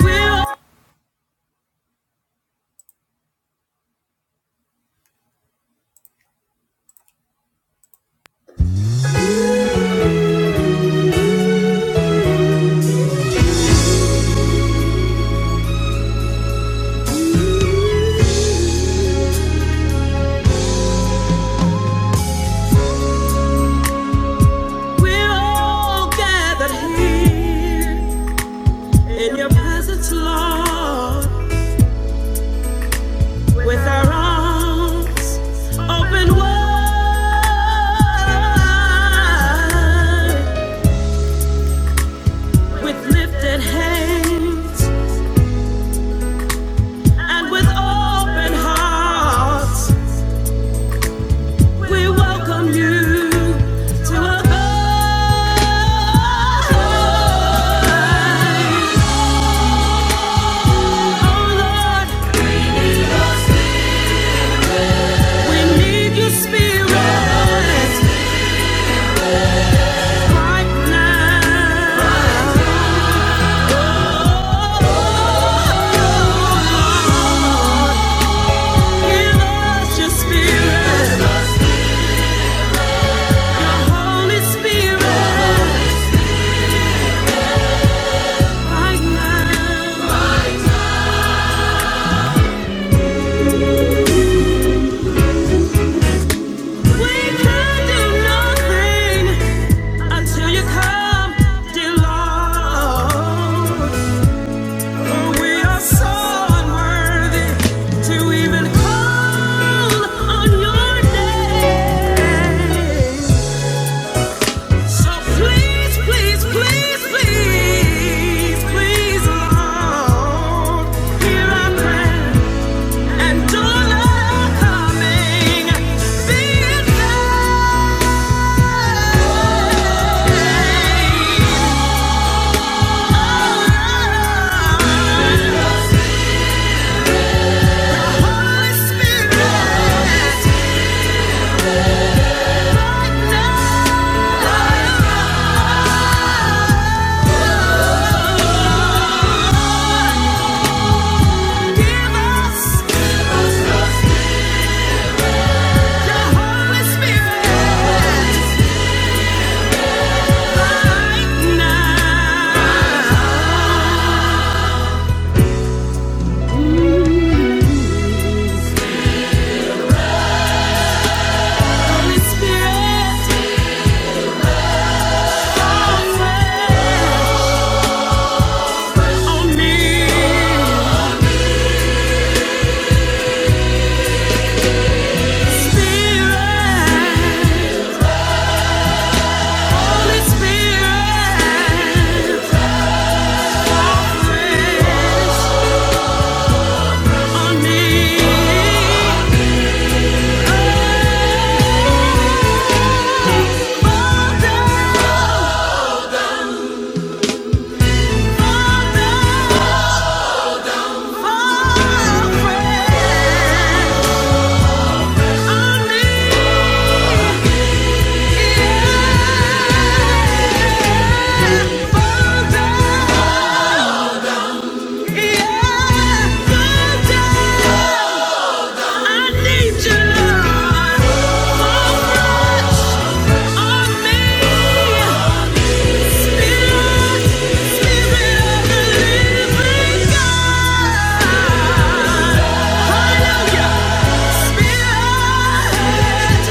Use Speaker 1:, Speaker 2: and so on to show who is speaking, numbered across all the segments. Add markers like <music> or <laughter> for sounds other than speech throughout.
Speaker 1: We're, we're all gathered here in your presence, Lord, with our arms open wide, with lifted hands and with open hearts. We welcome you to our lives. Until you come, dear Lord. We are so unworthy to even call on your name. So please, please, please, please, please, Lord, hear our prayer and don't let coming be in vain. Oh, Holy Spirit. Spirit, Holy Spirit. Yeah. I need you. Oh, much of me.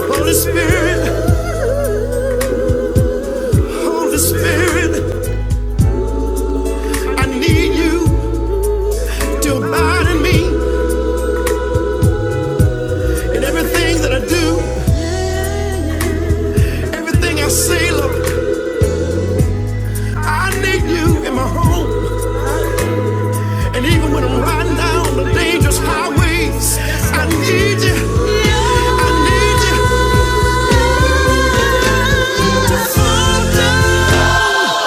Speaker 1: Holy Spirit, Holy Spirit, I need you to abide in me in everything that I do, everything I say, Lord. I need you in my home. And even when I'm riding down the dangerous highways, I need you. I need you. To fall down.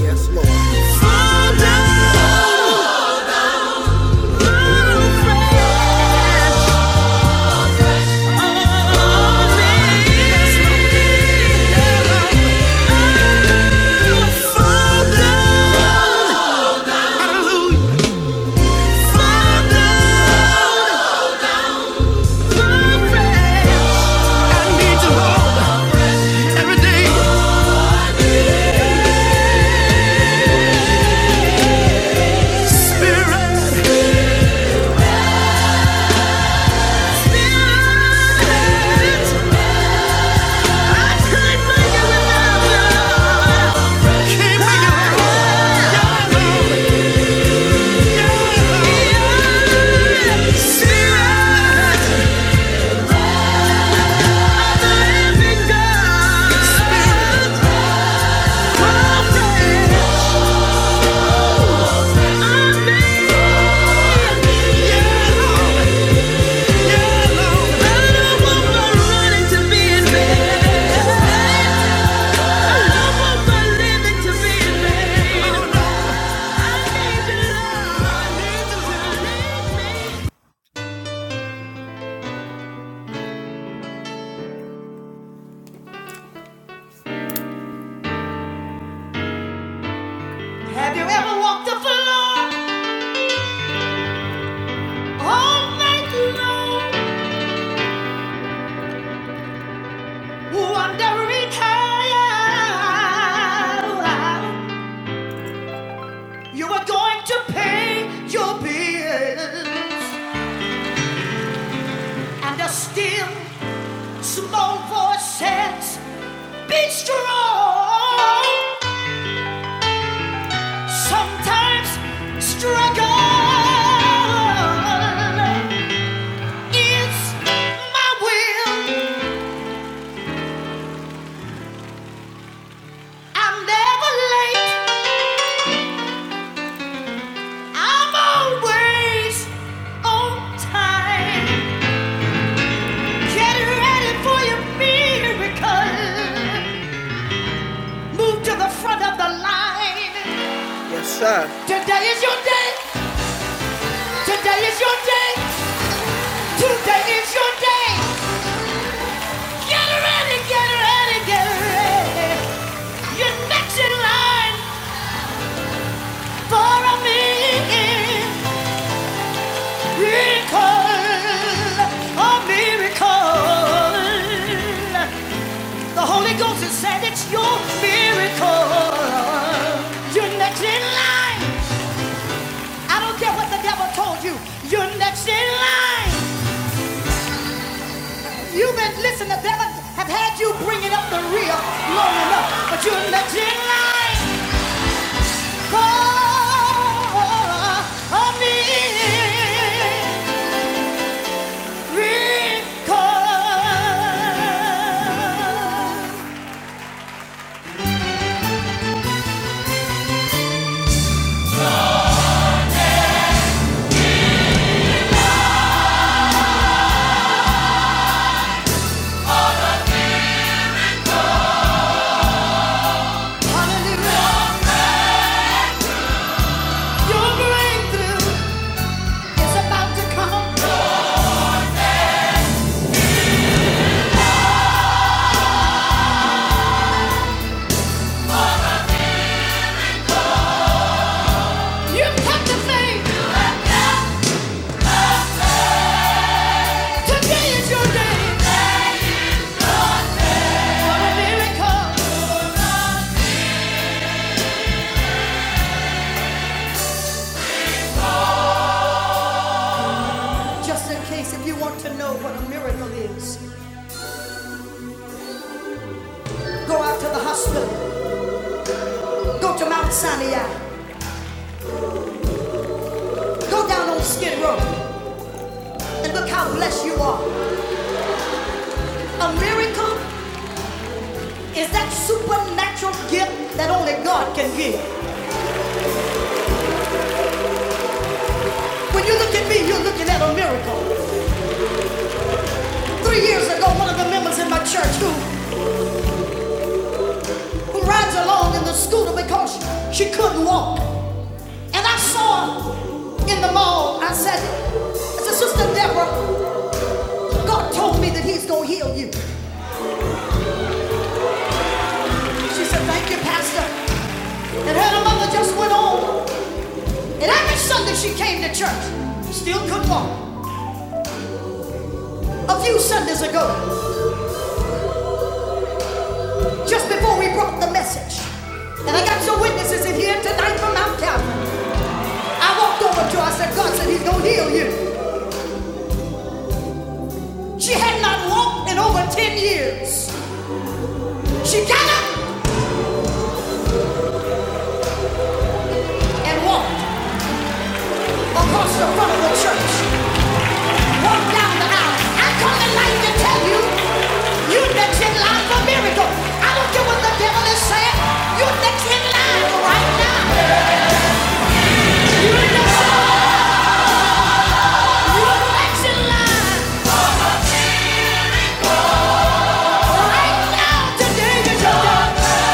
Speaker 1: Yes, Lord. Fall down. Fall down. Fall down. Spirit, Have you ever walked the floor all night long, wondering how you were going to pay your bills? And a still small voice says, Be strong. Sometimes struggle is my will. I'm never late. I'm always on time. Get ready for your miracle. Move to the front of the line. Today is your day. Today is your day. Today is your day. Get ready, get ready, get ready. Get next in line for a miracle, a miracle. The Holy Ghost has said it's your miracle. You're next in line. I don't care what the devil told you. You're next in line. You've been listening. The devil have had you bringing up the rear long enough, but you're next in line. If you want to know what a miracle is, go out to the hospital, go to Mount Sinai, go down on Skid Row, and look how blessed you are. A miracle is that supernatural gift that only God can give. When you look at me, you're looking at a miracle. Three years ago, one of the members in my church who, who rides along in the scooter because she couldn't walk. And I saw her in the mall. I said, I said, Sister Deborah, God told me that he's going to heal you. She said, thank you, Pastor. And her mother just went on. And every Sunday she came to church, still couldn't walk. A few Sundays ago, just before we brought the message. And I got some witnesses in here tonight from Mount Calvary. I walked over to her. I said, God said he's going to heal you. She had not walked in over 10 years. She got up and walked across the front of the church, walked down the aisle. I come tonight to tell you, you're next in line for miracle. I don't care what the devil is saying. You're next in line right now. You're next in line right now. Today is your day.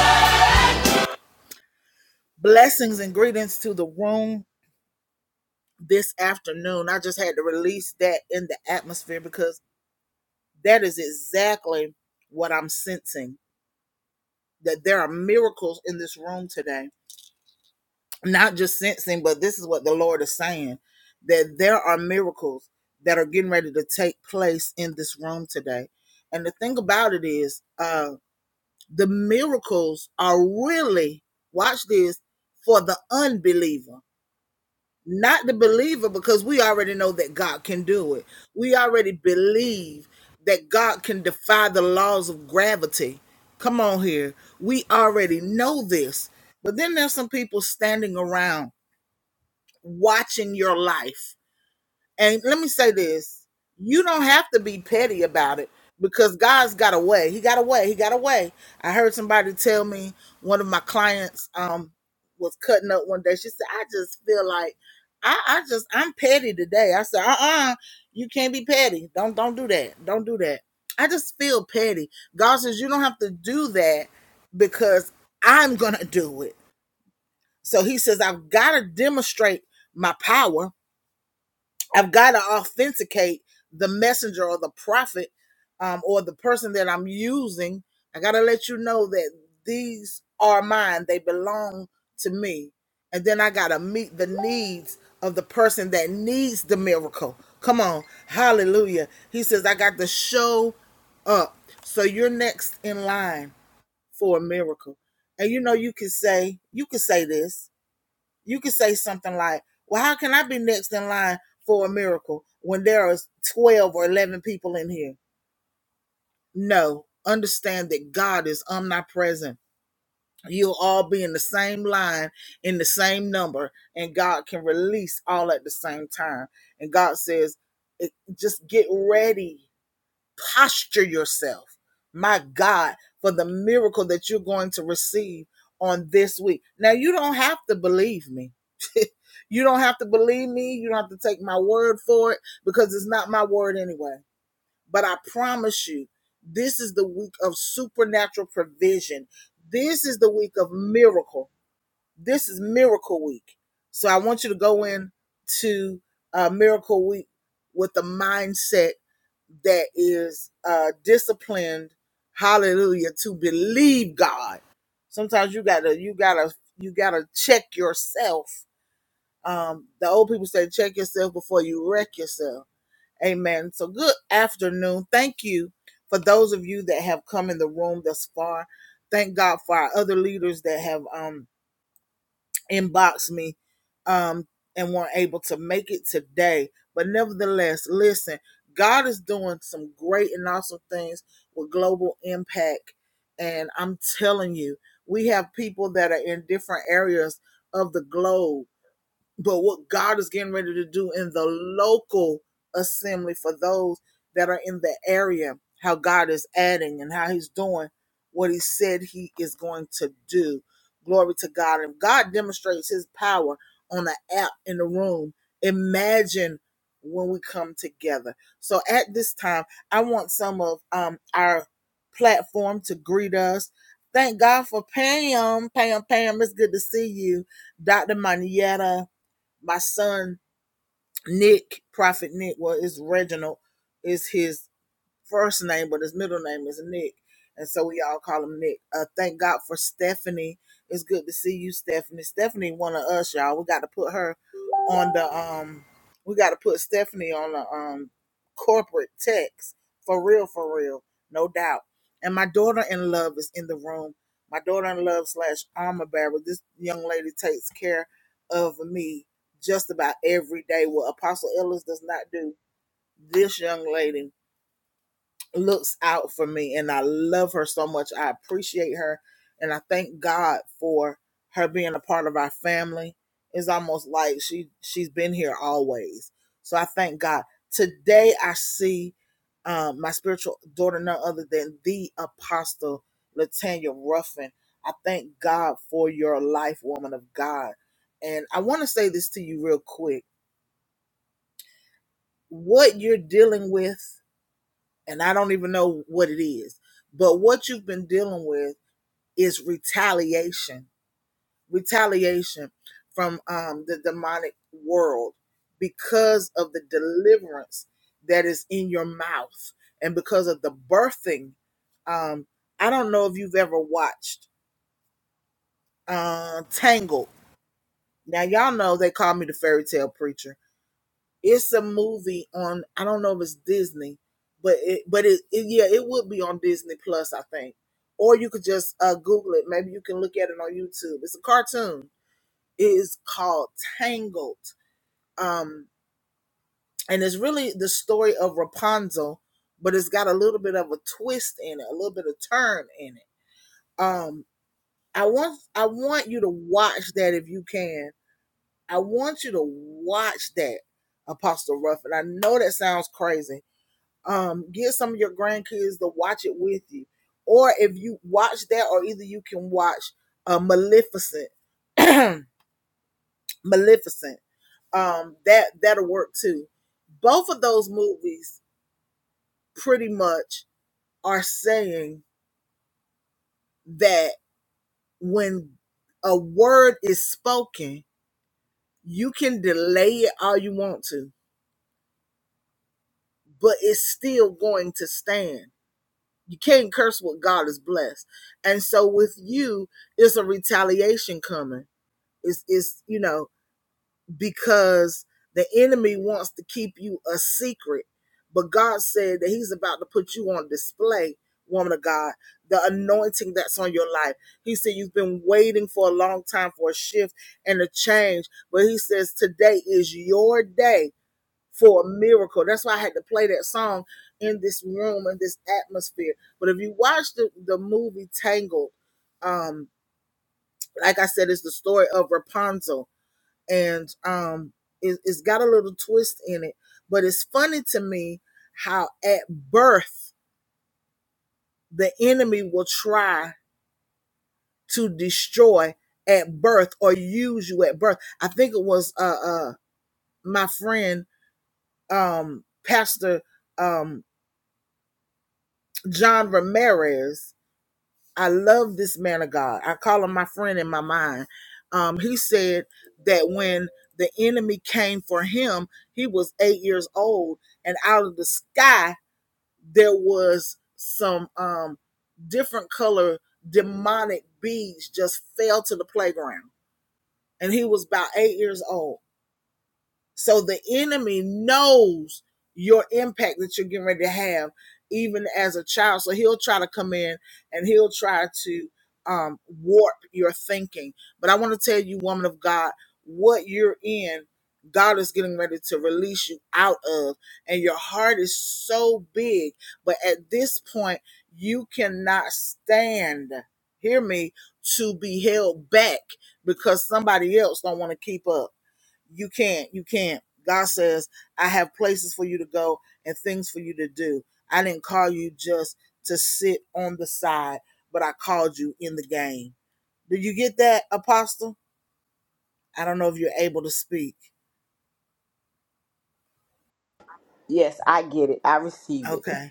Speaker 2: Yes, I get it. I receive it. <laughs>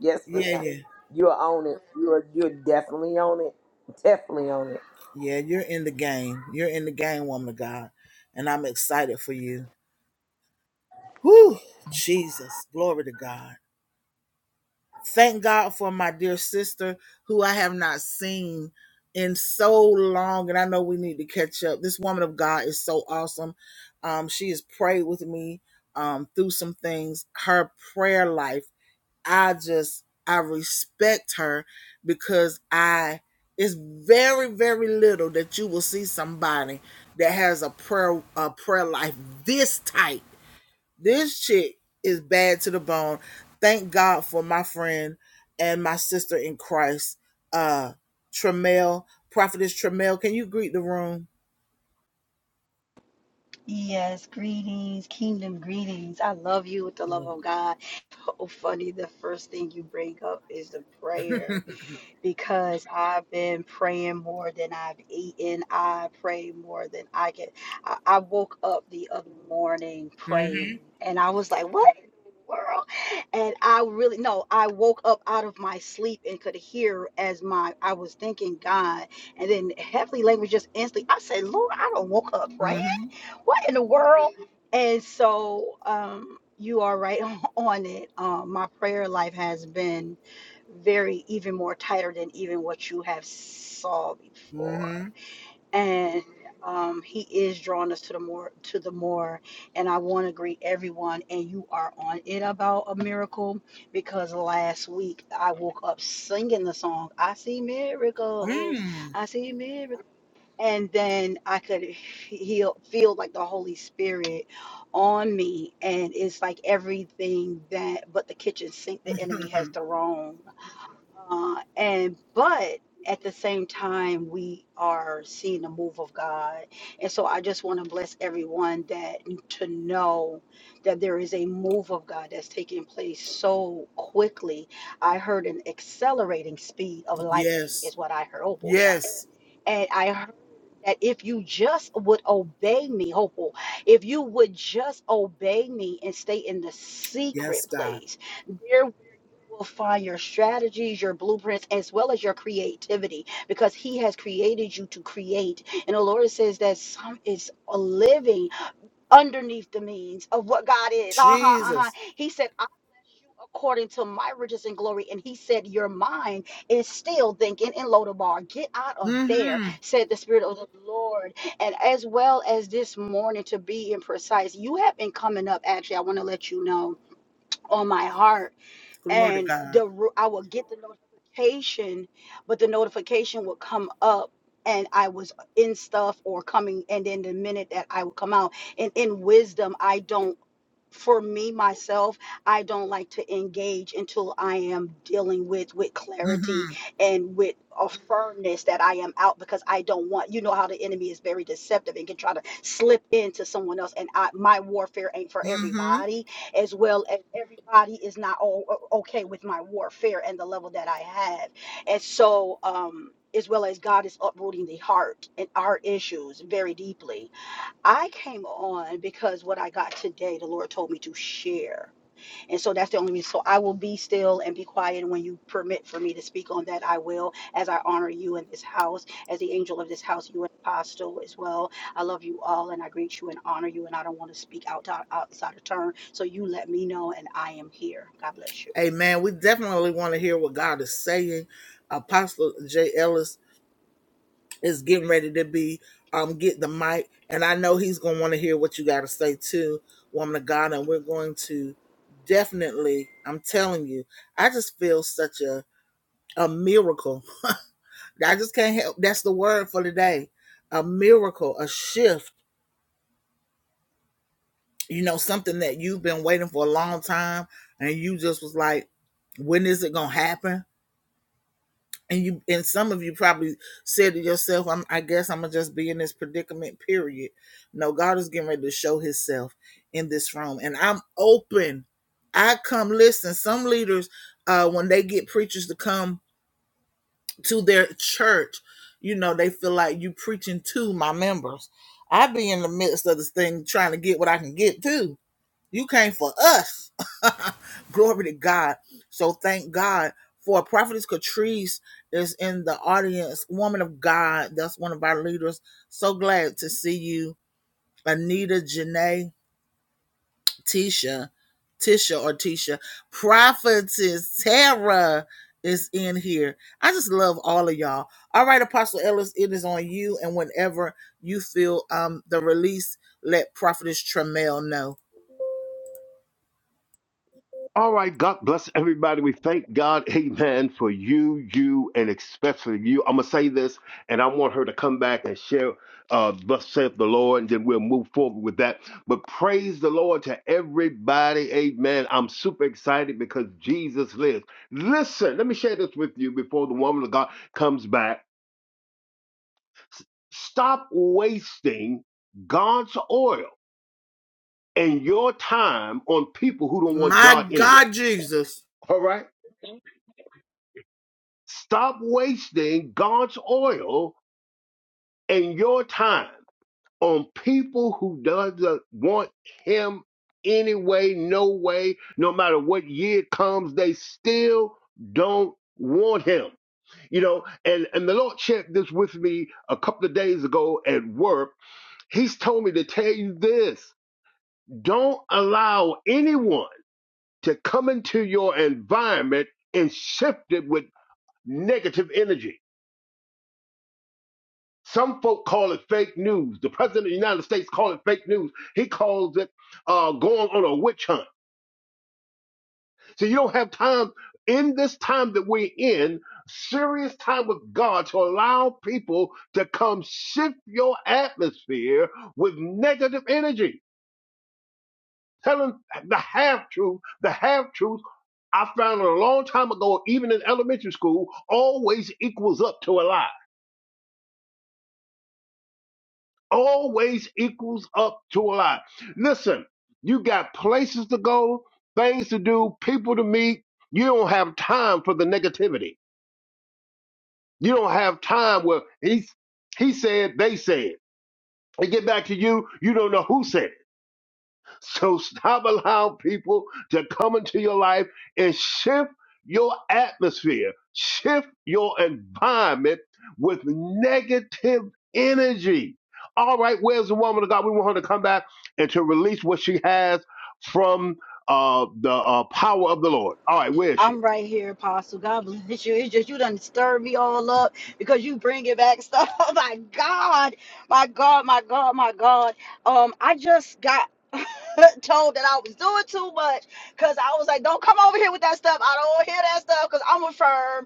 Speaker 2: Yes, ma'am. You're on it. You're you're definitely on it. Definitely on it.
Speaker 3: Yes, greetings, kingdom greetings. I love you with the love of God. <laughs> So funny, the first thing you bring up is the prayer because I've been praying more than I've eaten. I pray more than I can. I, I woke up the other morning praying and I was like, what? in the world and I really no I woke up out of my sleep and could hear as my I was thinking God and then heavenly language just instantly I said Lord I don't woke up praying what in the world? And so um, you are right <laughs> on it. Um, my prayer life has been very even more tighter than even what you have saw before. And um, he is drawing us to the more to the more. And I want to greet everyone. And you are on it about a miracle because last week I woke up singing the song. I see miracles. I see miracles and then I could feel feel like the Holy Spirit on me, and it's like everything that but the kitchen sink the enemy has thrown, uh, and but at the same time we are seeing the move of God, and so I just want to bless everyone that to know that there is a move of God that's taking place so quickly. I heard an accelerating speed of lightning is what I heard. Oh, bullshit. And I heard that if you just would obey me, hopeful, if you would just obey me and stay in the secret place, there where you will find your strategies, your blueprints, as well as your creativity, because He has created you to create. And the Lord says that some is living underneath the means of what God is. Uh-huh, uh-huh. He said, I bless you according to my riches and glory. And he said, Your mind is still thinking in Lodabar. Get out of there, said the Spirit of the Lord. And as well as this morning, to be imprecise, you have been coming up. Actually, I want to let you know on my heart and the ru- I would get the notification, but the notification would come up and I was in stuff or coming and then the minute that I would come out and in wisdom I don't for me myself i don't like to engage until i am dealing with with clarity and with a firmness that i am out because i don't want you know how the enemy is very deceptive and can try to slip into someone else and i my warfare ain't for everybody as well as everybody is not all o- okay with my warfare and the level that i have and so um as well as god is uprooting the heart and our issues very deeply I came on because what I got today, the Lord told me to share. And so that's the only reason. So I will be still and be quiet. And when you permit for me to speak on that, I will, as I honor you in this house, as the angel of this house, you and apostle as well. I love you all and I greet you and honor you. And I don't want to speak out, outside of turn. So you let me know and I am here. God bless you.
Speaker 4: All right, God bless everybody. We thank God, amen, for you, you, and especially you. I'm going to say this, and I want her to come back and share, uh, thus saith the Lord, and then we'll move forward with that. But praise the Lord to everybody, amen. I'm super excited because Jesus lives. Listen, let me share this with you before the woman of God comes back. S- Stop wasting God's oil and your time on people who don't want God anyway. All right? Stop wasting God's oil and your time on people who doesn't want him anyway, no way, no matter what year it comes, they still don't want him. You know, and, and the Lord shared this with me a couple of days ago at work. He's told me to tell you this. Don't allow anyone to come into your environment and shift it with negative energy Some folk call it fake news. The president of the United States call it fake news. He calls it uh, going on a witch hunt. So you don't have time in this time that we're in, serious time with God, to allow people to come shift your atmosphere with negative energy, telling the half truth, the half truth. I found a long time ago, even in elementary school, always equals up to a lie. always equals up to a lie. Listen, you got places to go, things to do, people to meet. You don't have time for the negativity. You don't have time where he he said, they said. They get back to you, you don't know who said it. So stop allowing people to come into your life and shift your atmosphere, shift your environment with negative energy. All right, where's the woman of God? We want her to come back and to release what she has from uh, the uh, power of the Lord. All right, where is she?
Speaker 3: I'm right here, Apostle. God bless you. It's just you done stir me all up because you bring it back stuff. <laughs> Oh my God, my God, my God, my God. Um, I just got <laughs> told that I was doing too much because I was like, don't come over here with that stuff. I don't want to hear that stuff because I'm a firm.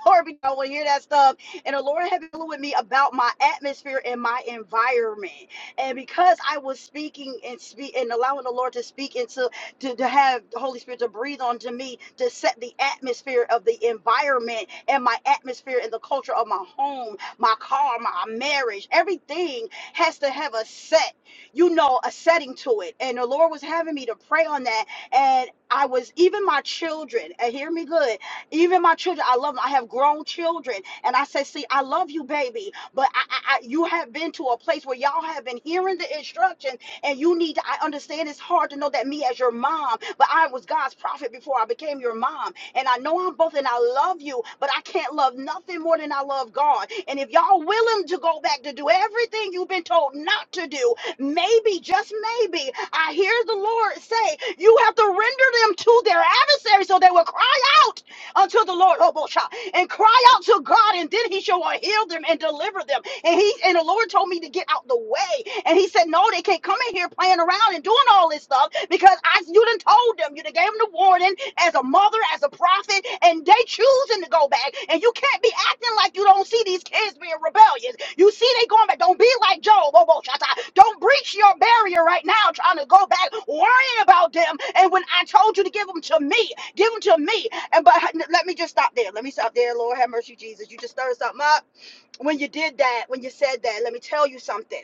Speaker 3: <laughs> Glory be to God. I will hear that stuff. And the Lord had been dealing with me about my atmosphere and my environment. And because I was speaking and speak and allowing the Lord to speak and to, to, to have the Holy Spirit to breathe onto me to set the atmosphere of the environment and my atmosphere and the culture of my home, my car, my marriage, everything has to have a set, you know, a setting to it. And the Lord was having me to pray on that. And I was even my children, and hear me good. Even my children, I love them. I have grown children. And I say, see, I love you, baby. But I, I, I, you have been to a place where y'all have been hearing the instructions and you need to, I understand it's hard to know that me as your mom, but I was God's prophet before I became your mom. And I know I'm both and I love you, but I can't love nothing more than I love God. And if y'all willing to go back to do everything you've been told not to do, maybe, just maybe, I hear the Lord say, you have to render them to their adversary so they will cry out unto the Lord, oh and cry out to God, and then he shall heal them and deliver them. And he and the Lord told me to get out the way. And he said, No, they can't come in here playing around and doing all this stuff because I you done told them, you done gave them the warning as a mother, as a prophet, and they choosing to go back. You can't be acting like you don't see these kids being rebellious. You see they going back. Don't be like Job. Oh, whoa, shut Don't breach your barrier right now trying to go back worrying about them. And when I told you to give them to me, give them to me. And but let me just stop there. Let me stop there. Lord have mercy, Jesus. You just stirred something up when you did that, when you said that. Let me tell you something.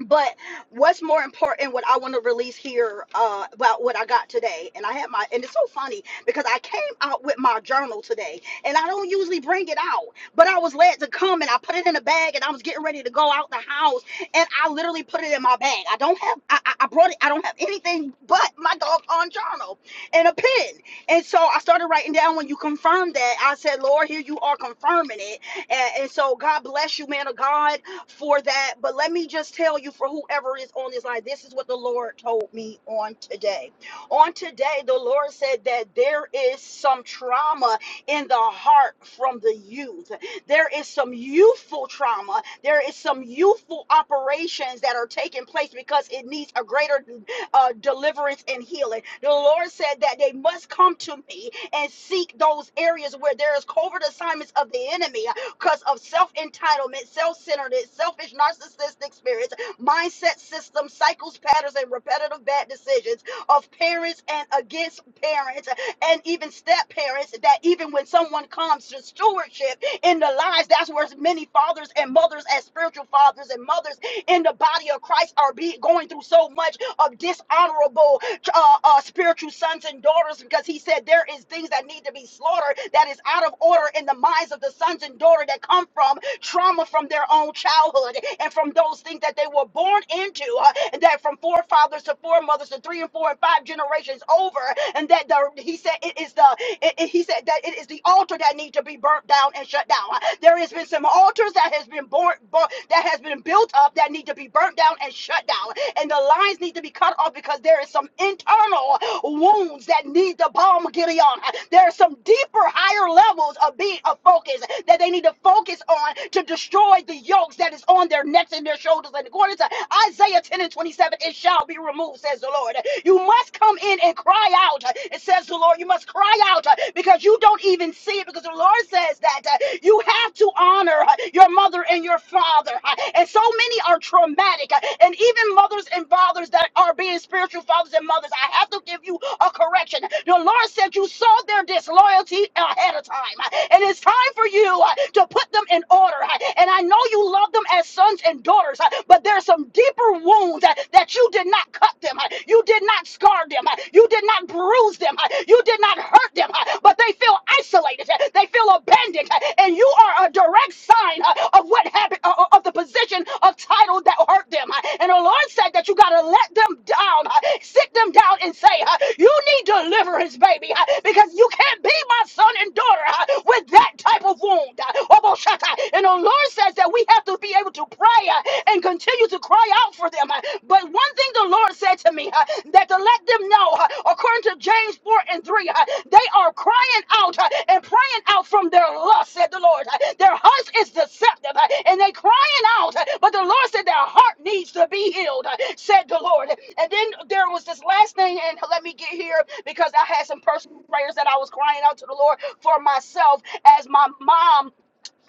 Speaker 3: But what's more important, what I want to release here uh, about what I got today, and I had my, and it's so funny because I came out with my journal today, and I don't usually bring it out, but I was led to come and I put it in a bag, and I was getting ready to go out the house, and I literally put it in my bag. I don't have, I, I I brought it, I don't have anything but my doggone journal and a pen, and so I started writing down when you confirmed that. I said, Lord, here you are confirming it, and, and so God bless you, man of God for that. But let me just tell you for whoever is on this line, this is what the Lord told me on today. On today, the Lord said that there is some trauma in the heart from the youth. There is some youthful trauma. There is some youthful operations that are taking place because it needs a greater uh, deliverance and healing. The Lord said that they must come to me and seek those areas where there is covert assignments of the enemy because of self entitlement, self centeredness, selfish, narcissistic spirits, mindset systems, cycles, patterns, and repetitive bad decisions of parents and against parents and even step parents. That even when someone comes to stewardship in the lives, that's where many fathers and mothers, as spiritual fathers and mothers in the body of Christ, are be, going through so much of dishonorable uh, uh, spiritual sons and daughters because he said there is things that need to be slaughtered that is out of order in the minds of the sons and daughter that come from trauma from their own childhood and from those things that they were born into, uh, and that from forefathers to foremothers to three and four and five generations over, and that the he said it is the it, it- he said that it is the altar that needs to be burnt down and shut down. Uh, There has been some altars that has been born, born that has been built up that need to be burnt down and shut down, and the lines need to be cut off because there is some internal wounds that need the balm Gideon. There are some deeper, higher levels of being of focus that they need to focus on to destroy the yokes that is on their necks and their shoulders. And according to Isaiah 10 and 27, it shall be removed, says the Lord. You must come in and cry out, it says the Lord. You must cry out uh, because you don't even see it, because the Lord says that uh, you have to honor uh, your mother and your father. Uh, And so many are traumatic, uh, and even mothers and fathers that are being spiritual fathers and mothers. I have to give you a correction. The Lord said you saw their disloyalty ahead of time, and it's time for you uh, to put them in order. And I know you love them as sons and daughters, uh, but there's some deeper wounds uh, that you did not cut them, uh, you did not scar them, uh, you did not bruise them, uh, you did not hurt them, uh, but they feel isolated, uh, they feel abandoned, uh, and you are a direct sign mind uh, of what happened, uh, uh, of the position of title that hurt them. uh, And the Lord said that you got to let them down, uh, sit them down and say, uh, You need deliverance, baby, uh, because you can't be my son and daughter uh, with that type of wound. uh, Oboshata. And the Lord says that we have to be able to pray uh, and continue to cry out for them. uh, But one thing the Lord said to me, uh, that the and to let them know, uh, according to James 4 and 3, uh, they are crying out uh, and praying out from their lust, said the Lord. Uh, Their hearts is deceptive uh, and they crying out, uh, but the Lord said their heart needs to be healed, uh, said the Lord. And then there was this last thing, and let me get here because I had some personal prayers that I was crying out to the Lord for myself as my mom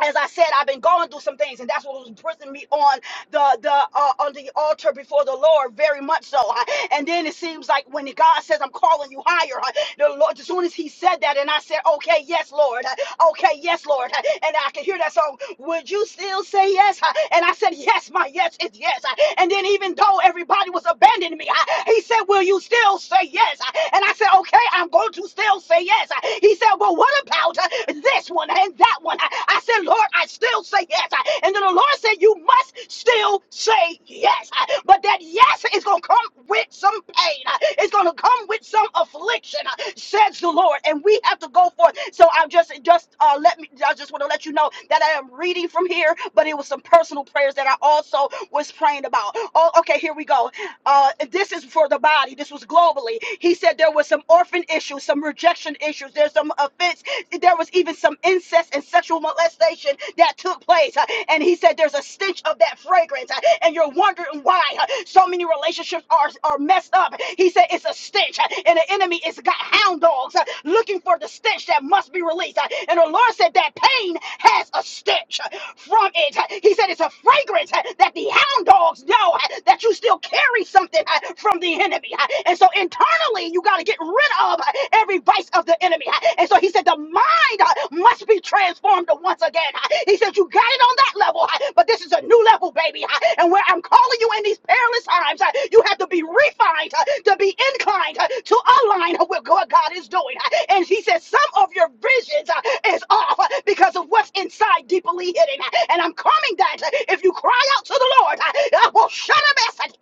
Speaker 3: as I said, I've been going through some things, and that's what was pressing me on the the uh, on the altar before the Lord, very much so. huh? And then it seems like when God says, "I'm calling you higher," huh, the Lord, as soon as He said that, and I said, "Okay, yes, Lord. huh, Okay, yes, Lord." huh, And I could hear that song. Would you still say yes? huh? And I said, "Yes, my yes is yes." huh. And then even though everybody was abandoning me, huh, He said, "Will you still say yes?" huh? And I said, "Okay, I'm going to still say yes." He said, Well, what about uh, this one and that one? I said, Lord, I still say yes. And then the Lord said, You must still say yes. But that yes is going to come with some pain, it's going to come with some affliction, says the Lord. And we have to go forth. So I'm just, just uh, let me, I just want to let you know that I am reading from here, but it was some personal prayers that I also was praying about. Oh, okay, here we go. Uh, this is for the body. This was globally. He said there was some orphan issues, some rejection issues. There's some offense. There was even some incest and sexual molestation that took place. Uh, And he said there's a stench of that fragrance. uh, And you're wondering why uh, so many relationships are, are messed up. He said it's a stench. uh, And the enemy is got hound dogs uh, looking for the stench that must be released. Uh, And the Lord said that pain has a stench uh, from it. Uh, He said it's a fragrance uh, that the hound hound dogs know uh, that you still carry something uh, from the enemy. uh, And so internally, you got to get rid of uh, every vice of the enemy. uh, And so he said, the mind uh, must be transformed once again. uh, He said, you got it on that level, uh, but this is a new level, baby. uh, And where I'm calling you in these perilous times, uh, you have to be refined, uh, to be inclined, uh, to align with what God is doing. uh, And he said, some of your visions uh, is off uh, because of what's inside lie deeply hidden. And I'm coming that if you cry out to the Lord, I will shut up.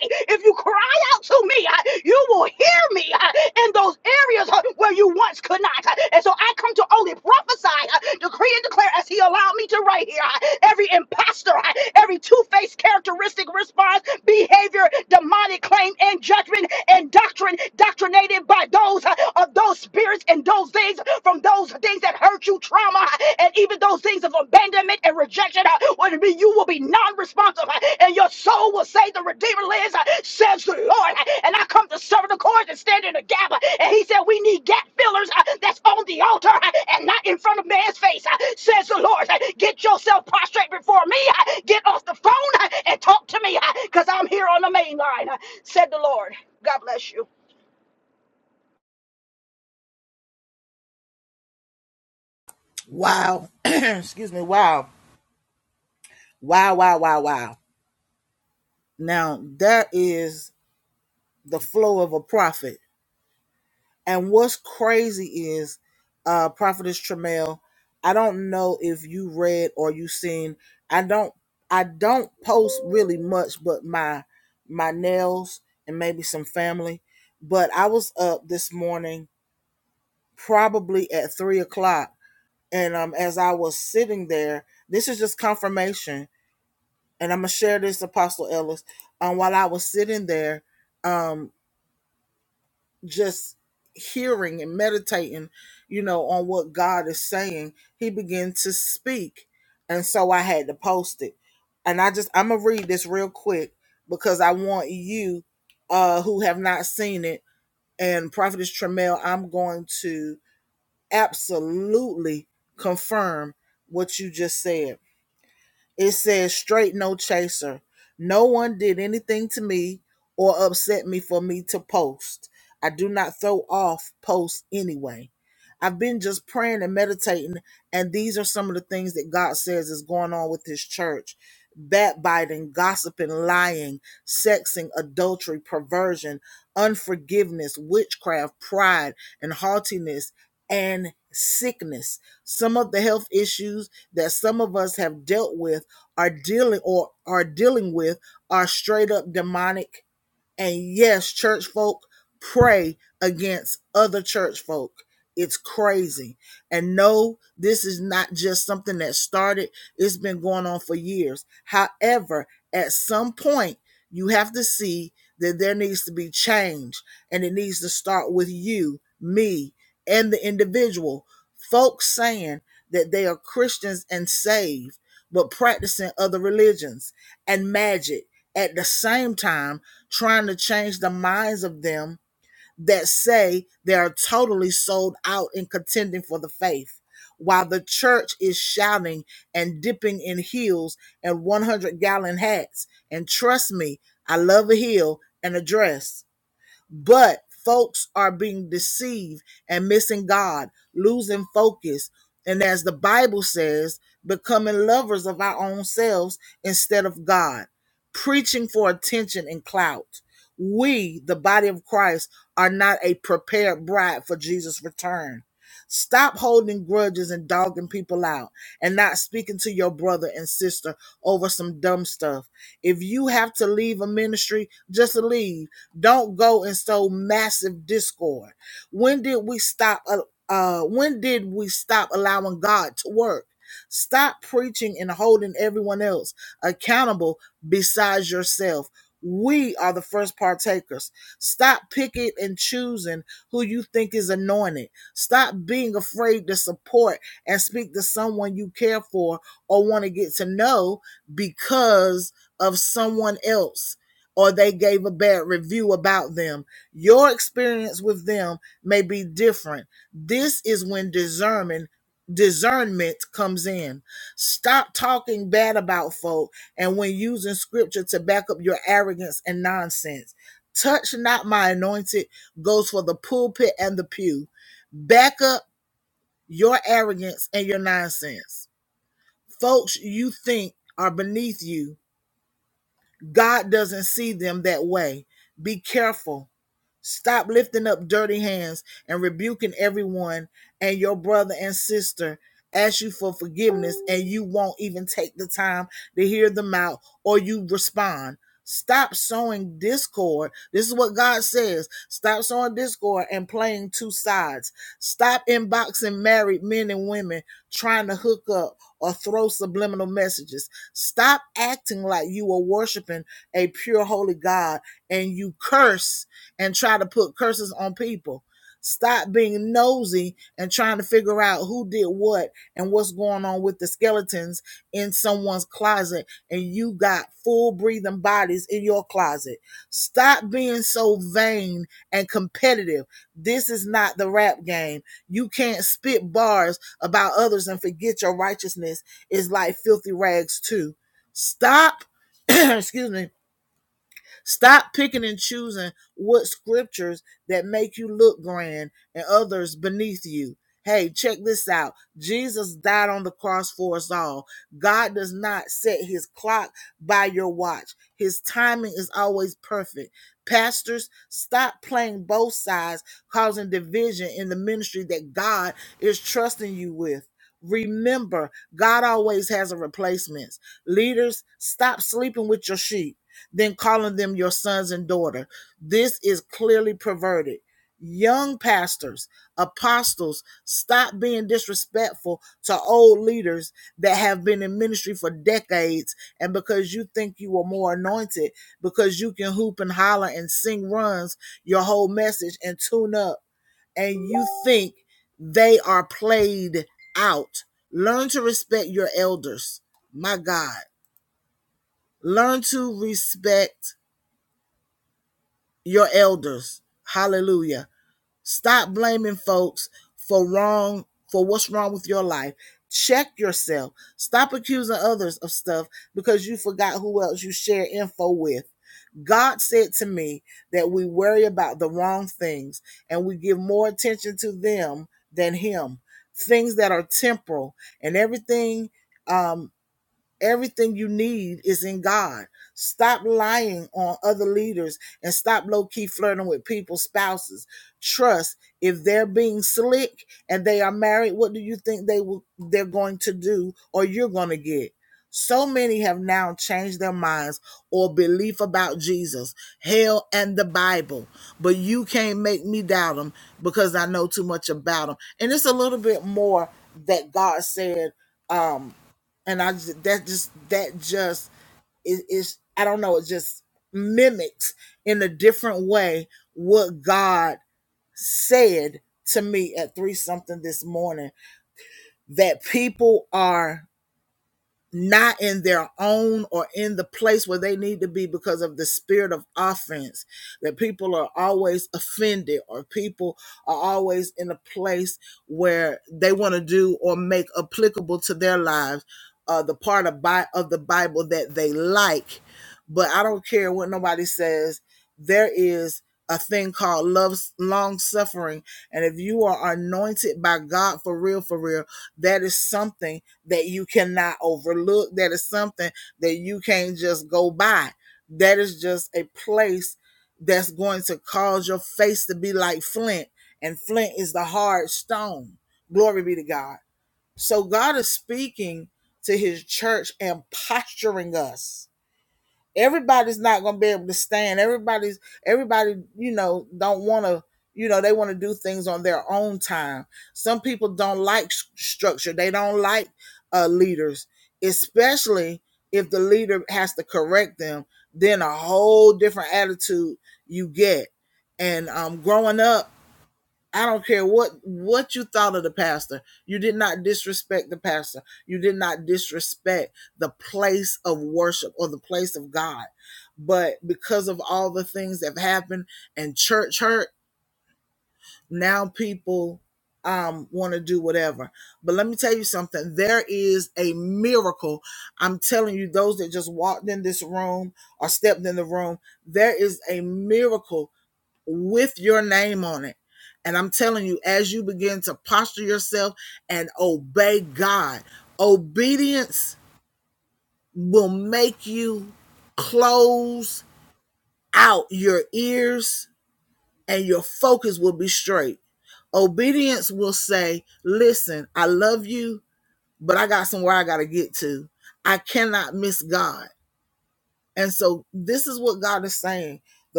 Speaker 3: If you cry out to me, you will hear me in those areas where you once could not. And so I come to only prophesy, decree, and declare as He allowed me to right here. Every imposter, every two faced characteristic response, behavior, demonic claim, and judgment and doctrine doctrinated by those of those spirits and those things from those things that hurt you, trauma, and even those things of abandonment and rejection. uh, When be- you will be non responsive, and your soul will say, The Redeemer lives, uh, says the Lord. uh, And I come to serve the cause and stand in the gap. uh, And he said, We need gap fillers uh, that's on the altar uh, and not in front of man's face, uh, says the Lord. Uh, Get yourself prostrate before me. uh, Get off the phone uh, and talk to me because I'm here on the main line, uh, said the Lord. God bless you.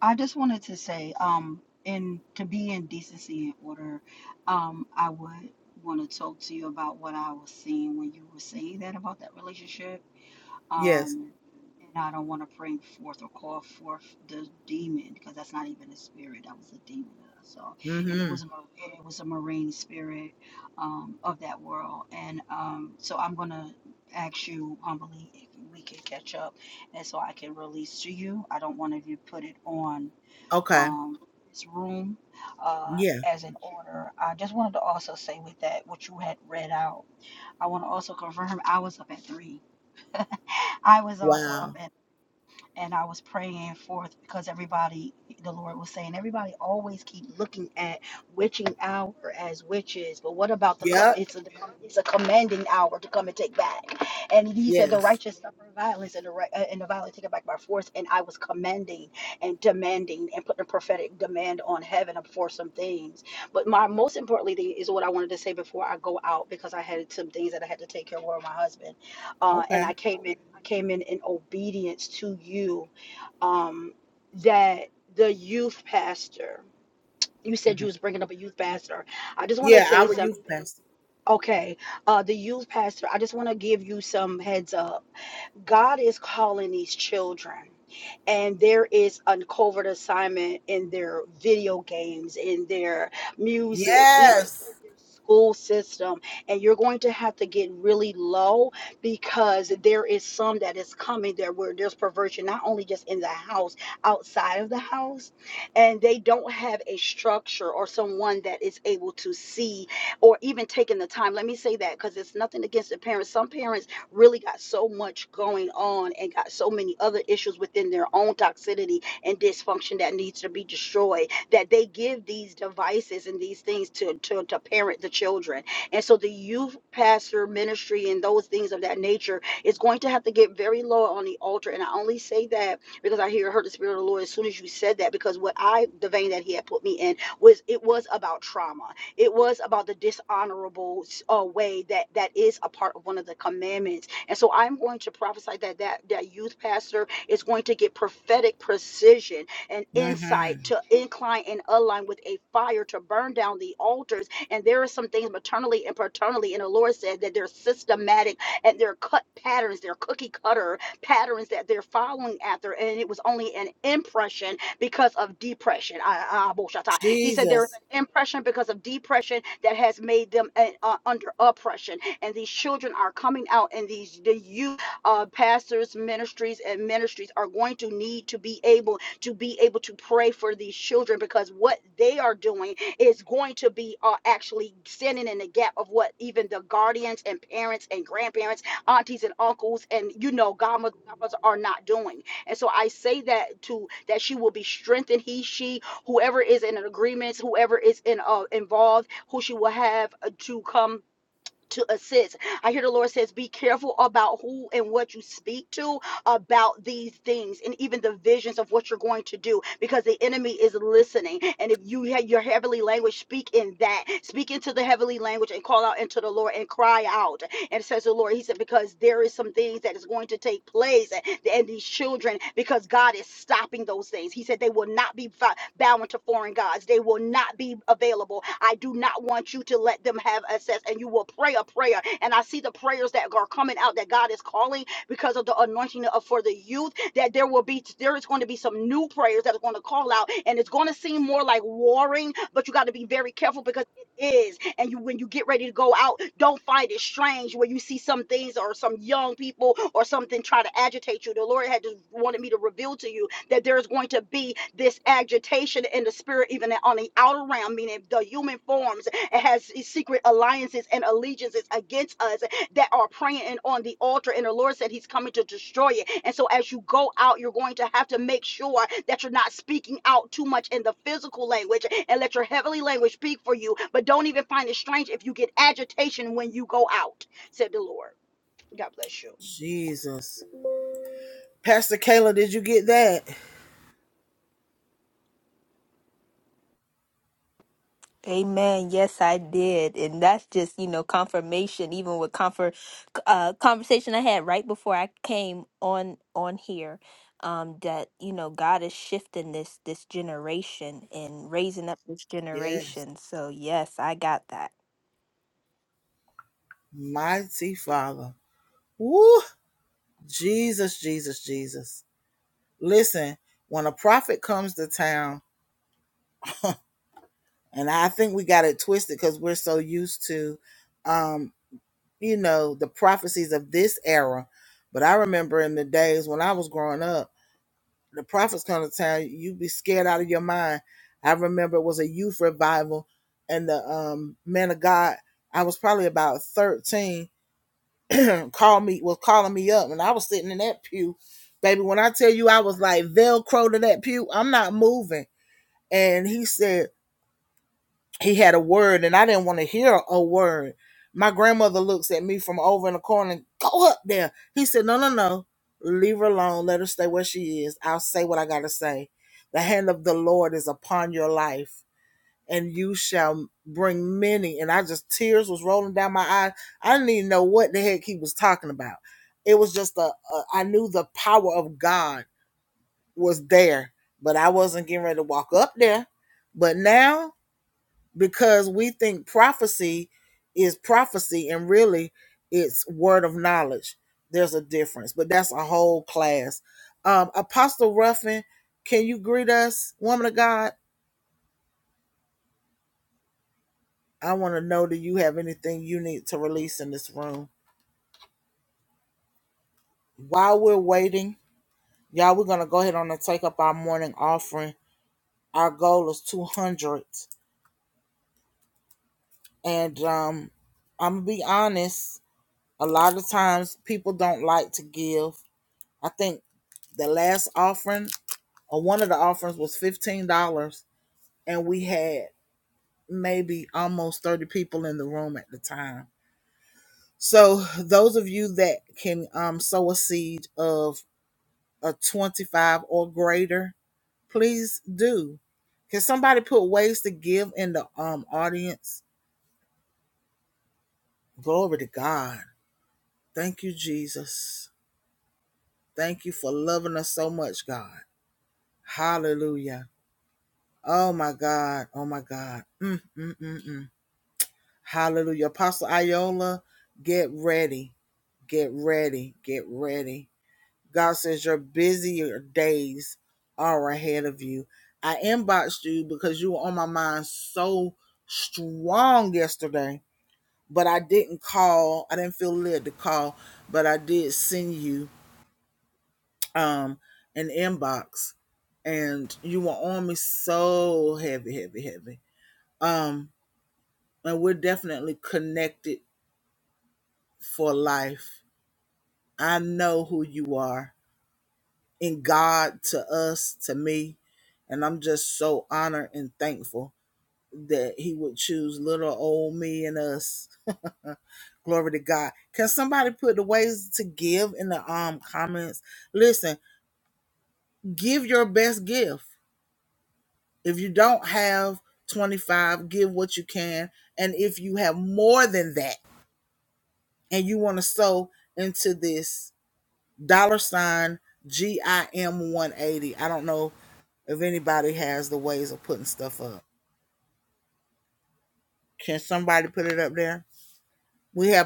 Speaker 3: I just wanted to say, um, in to be in decency and order, um, I would want to talk to you about what I was seeing when you were saying that about that relationship. Um, and I don't want to bring forth or call forth the demon because that's not even a spirit. That was a demon that I saw, and it was a mar- and it was a marine spirit um, of that world. And um, so I'm gonna ask you humbly if we can catch up, and so I can release to you. I don't want to put it on um, this room uh, as an order. I just wanted to also say with that what you had read out. I want to also confirm I was up at three. I was also up at and I was praying forth because everybody, the Lord was saying, everybody always keep looking at witching hour as witches, but what about the com- it's a it's a commanding hour to come and take back. And He said, the righteous suffer violence, and the right, uh, and the violent take it back by force. And I was commanding and demanding and putting a prophetic demand on heaven for some things. But my most importantly thing is what I wanted to say before I go out because I had some things that I had to take care of with my husband uh, and I came in I came in in obedience to you um, that the youth pastor you said you was bringing up a youth pastor I just want to say something okay uh, the youth pastor I just want to give you some heads up God is calling these children and there is a covert assignment in their video games, in their music, even in their school system and you're going to have to get really low because there is some that is coming there where there's perversion not only just in the house outside of the house and they don't have a structure or someone that is able to see or even taking the time let me say that because it's nothing against the parents some parents really got so much going on and got so many other issues within their own toxicity and dysfunction that needs to be destroyed that they give these devices and these things to, to, to parent the children. And so the youth pastor ministry and those things of that nature is going to have to get very low on the altar. And I only say that because I hear heard the spirit of the Lord as soon as you said that, because what I the vein that he had put me in was it was about trauma it was about the dishonorable uh, way that that is a part of one of the commandments. And so I'm going to prophesy that that that youth pastor is going to get prophetic precision and insight to incline and align with a fire to burn down the altars. And there are some things maternally and paternally, and the Lord said that they're systematic and they're cut patterns, they're cookie cutter patterns that they're following after. And it was only an impression because of depression. I, I, He said there impression because of depression that has made them uh, uh, under oppression and these children are coming out and these the youth uh, pastors ministries and ministries are going to need to be able to be able to pray for these children because what they are doing is going to be uh, actually standing in the gap of what even the guardians and parents and grandparents aunties and uncles and you know godmothers are not doing and so i say that to that she will be strengthened he she whoever is in an agreement, whoever is in uh, involved, who she will have uh, to come to assist. I hear the Lord says, be careful about who and what you speak to about these things and even the visions of what you're going to do because the enemy is listening. And if you have your heavenly language, speak in that. Speak into the heavenly language and call out into the Lord and cry out. And says the Lord, He said, because there is some things that is going to take place and, and these children, because God is stopping those things. He said, they will not be fi- bowing to foreign gods. They will not be available. I do not want you to let them have access and you will pray a prayer. And I see the prayers that are coming out that God is calling because of the anointing of, for the youth that there will be there is going to be some new prayers that are going to call out and it's going to seem more like warring but you got to be very careful because is and you when you get ready to go out don't find it strange when you see some things or some young people or something try to agitate you the lord had just wanted me to reveal to you that there's going to be this agitation in the spirit even on the outer realm meaning the human forms it has secret alliances and allegiances against us that are praying and on the altar, and the Lord said He's coming to destroy it. And so, as you go out, you're going to have to make sure that you're not speaking out too much in the physical language and let your heavenly language speak for you. But don't even find it strange if you get agitation when you go out, said the Lord. God bless you.
Speaker 5: Amen. Yes, I did. And that's just, you know, confirmation, even with comfort uh conversation I had right before I came on on here, um, that, you know, God is shifting this this generation and raising up this generation. So yes, I got that.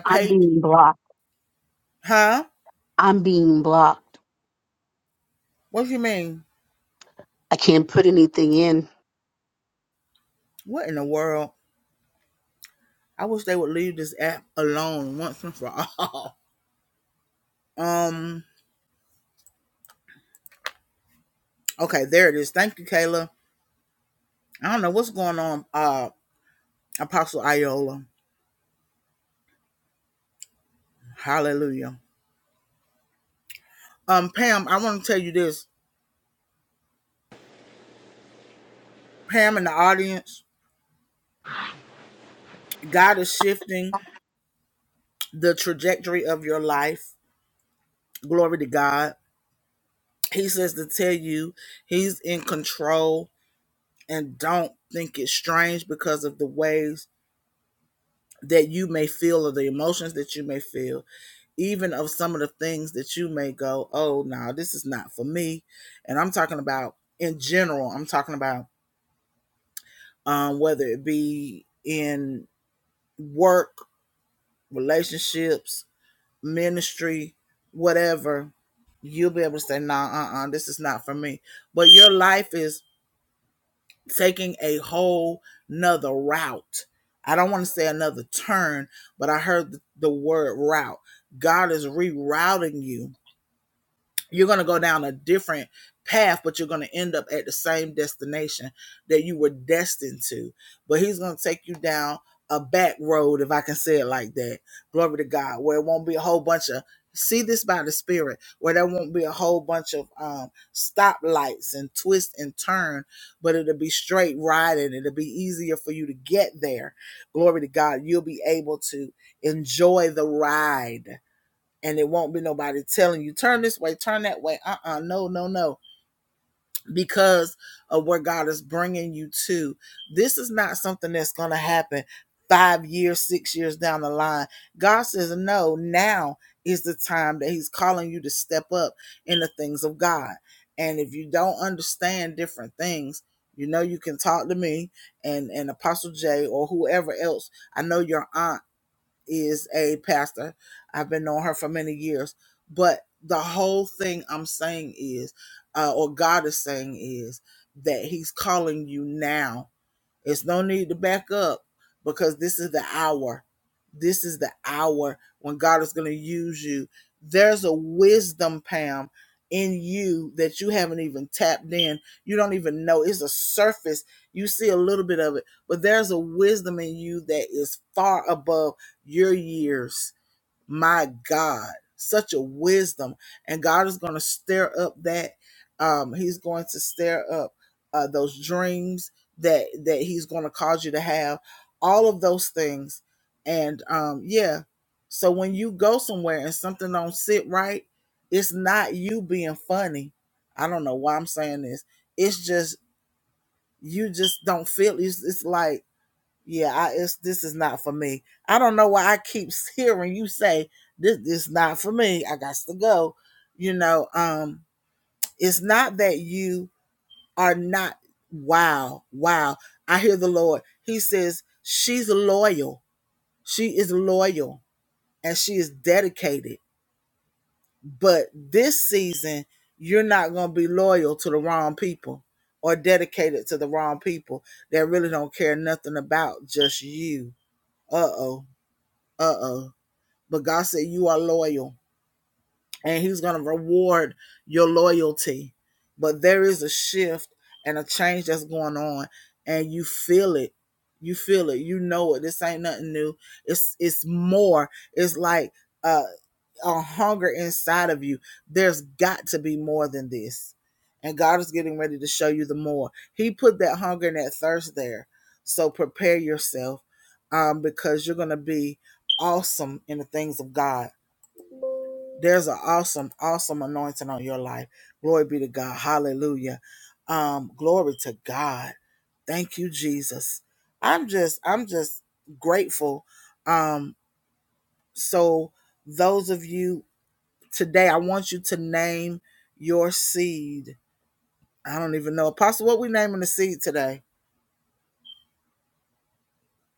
Speaker 6: I'm being blocked. I'm being blocked. I can't put anything in.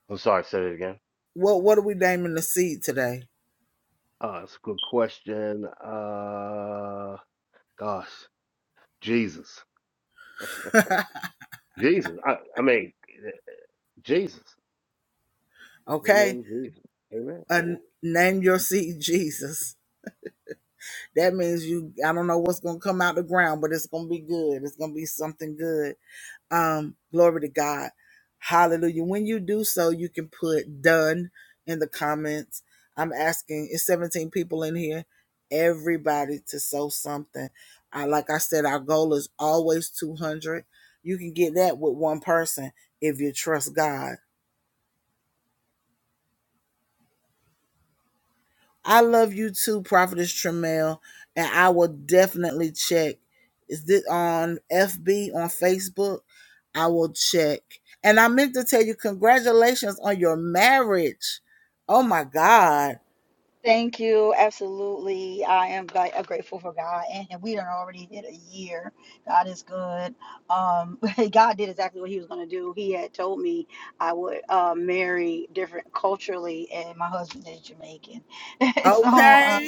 Speaker 4: I'm sorry, say it again. Uh, that's a good question. Uh, gosh, Jesus, Jesus. I, I mean, Jesus. Your name is Jesus. Amen.
Speaker 3: Thank you. Absolutely. I am like uh, grateful for God. And, and we done already did a year. God is good. Um, <laughs> God did exactly what he was going to do. He had told me I would uh, marry different culturally, and my husband is Jamaican. <laughs> so, uh,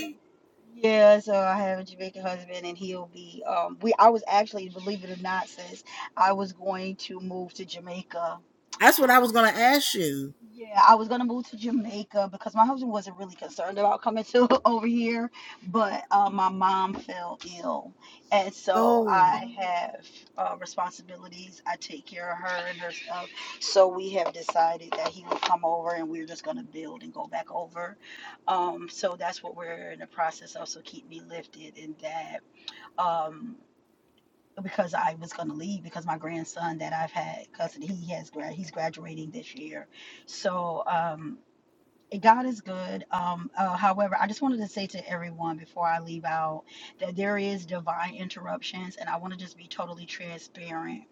Speaker 3: yeah, so I have a Jamaican husband, and he'll be. Um, we I was actually, believe it or not, sis, I was going to move to Jamaica yeah, I was gonna move to Jamaica because my husband wasn't really concerned about coming to <laughs> over here, but uh, my mom fell ill, and so I have uh, responsibilities. I take care of her and her stuff. So we have decided that he will come over, and we're just gonna build and go back over. Um, so that's what we're in the process of. So keep me lifted in that. Um, because I was going to leave because my grandson that I've had custody he has grad he's graduating this year, so um, God is good. Um, uh, however, I just wanted to say to everyone before I leave out that there is divine interruptions, and I want to just be totally transparent.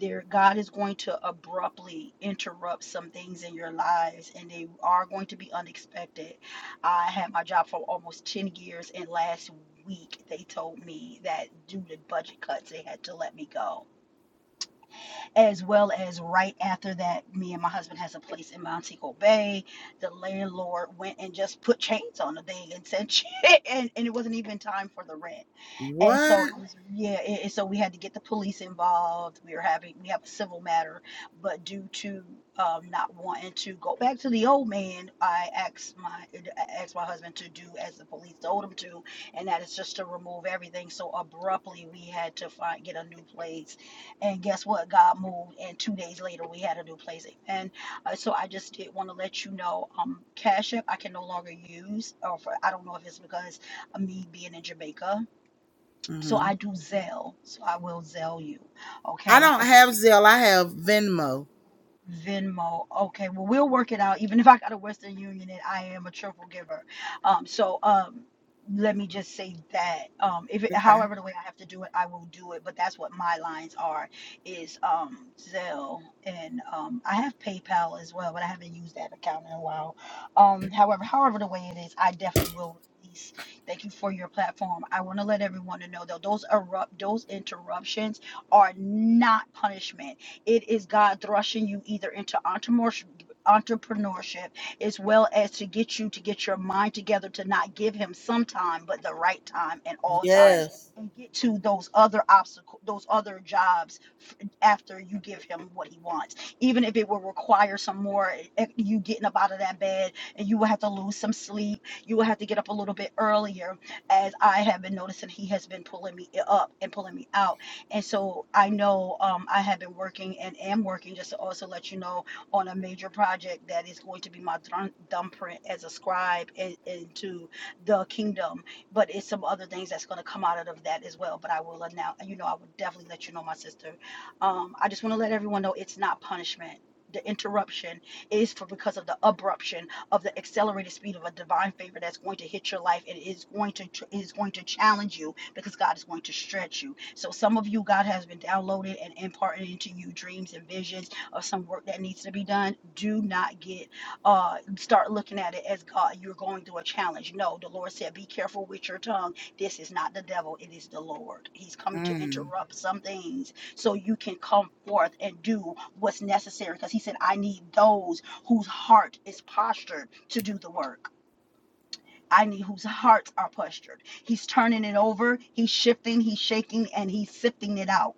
Speaker 3: There, God is going to abruptly interrupt some things in your lives, and they are going to be unexpected. I had my job for almost ten years, and last week they told me that due to budget cuts, they had to let me go as well as right after that, me and my husband has a place in Montego Bay. The landlord went and just put chains on the thing and said, <laughs> and, and it wasn't even time for the rent and so it was yeah And it- so we had to get the police involved we were having we have a civil matter but due to um, not wanting to go back to the old man i asked my I asked my husband to do as the police told him to and that is just to remove everything so abruptly we had to find get a new place and guess what god moved and two days later we had a new place and uh, so i just did want to let you know um cash app i can no longer use or for, i don't know if it's because of me being in jamaica so I do zeal. So I will zeal you. Okay. If Venmo. Okay, well we'll work it out. Even if I got a Western Union and I am a triple giver, um, so um, let me just say that um, if it, however the way I have to do it, I will do it. But that's what my lines are is um, Zelle and um, I have PayPal as well, but I haven't used that account in a while. Um, however, however the way it is, I definitely will. release. Thank you for your platform. I want to let everyone to know though those erupt those interruptions are not punishment it is God thrusting you either into entrepreneurship entrepreneurship as well as to get you to get your mind together to not give him some time but the right time at all times and get to those other obstacles those other jobs after you give him what he wants. Even if it will require some more eh, you getting up out of that bed and you will have to lose some sleep. You will have to get up a little bit earlier as I have been noticing he has been pulling me up and pulling me out. And so I know um, I have been working and am working just to also let you know on a major project that is going to be my thrum- thumbprint as a scribe in, into the kingdom. But it's some other things that's going to come out of that as well. But I will announce, you know, I will definitely let you know, my sister. Um, I just want to let everyone know it's not punishment. The interruption is for because of the abruption of the accelerated speed of a divine favor that's going to hit your life. It is going to tr- it is going to challenge you because God is going to stretch you. So some of you, God has been downloaded and imparted into you dreams and visions of some work that needs to be done. Do not get uh start looking at it as God, you're going through a challenge. No, the Lord said, be careful with your tongue. This is not the devil, it is the Lord. He's coming to interrupt some things so you can come forth and do what's necessary. Because he said, I need those whose heart is postured to do the work. I need whose hearts are postured. He's turning it over, he's shifting, he's shaking, and he's sifting it out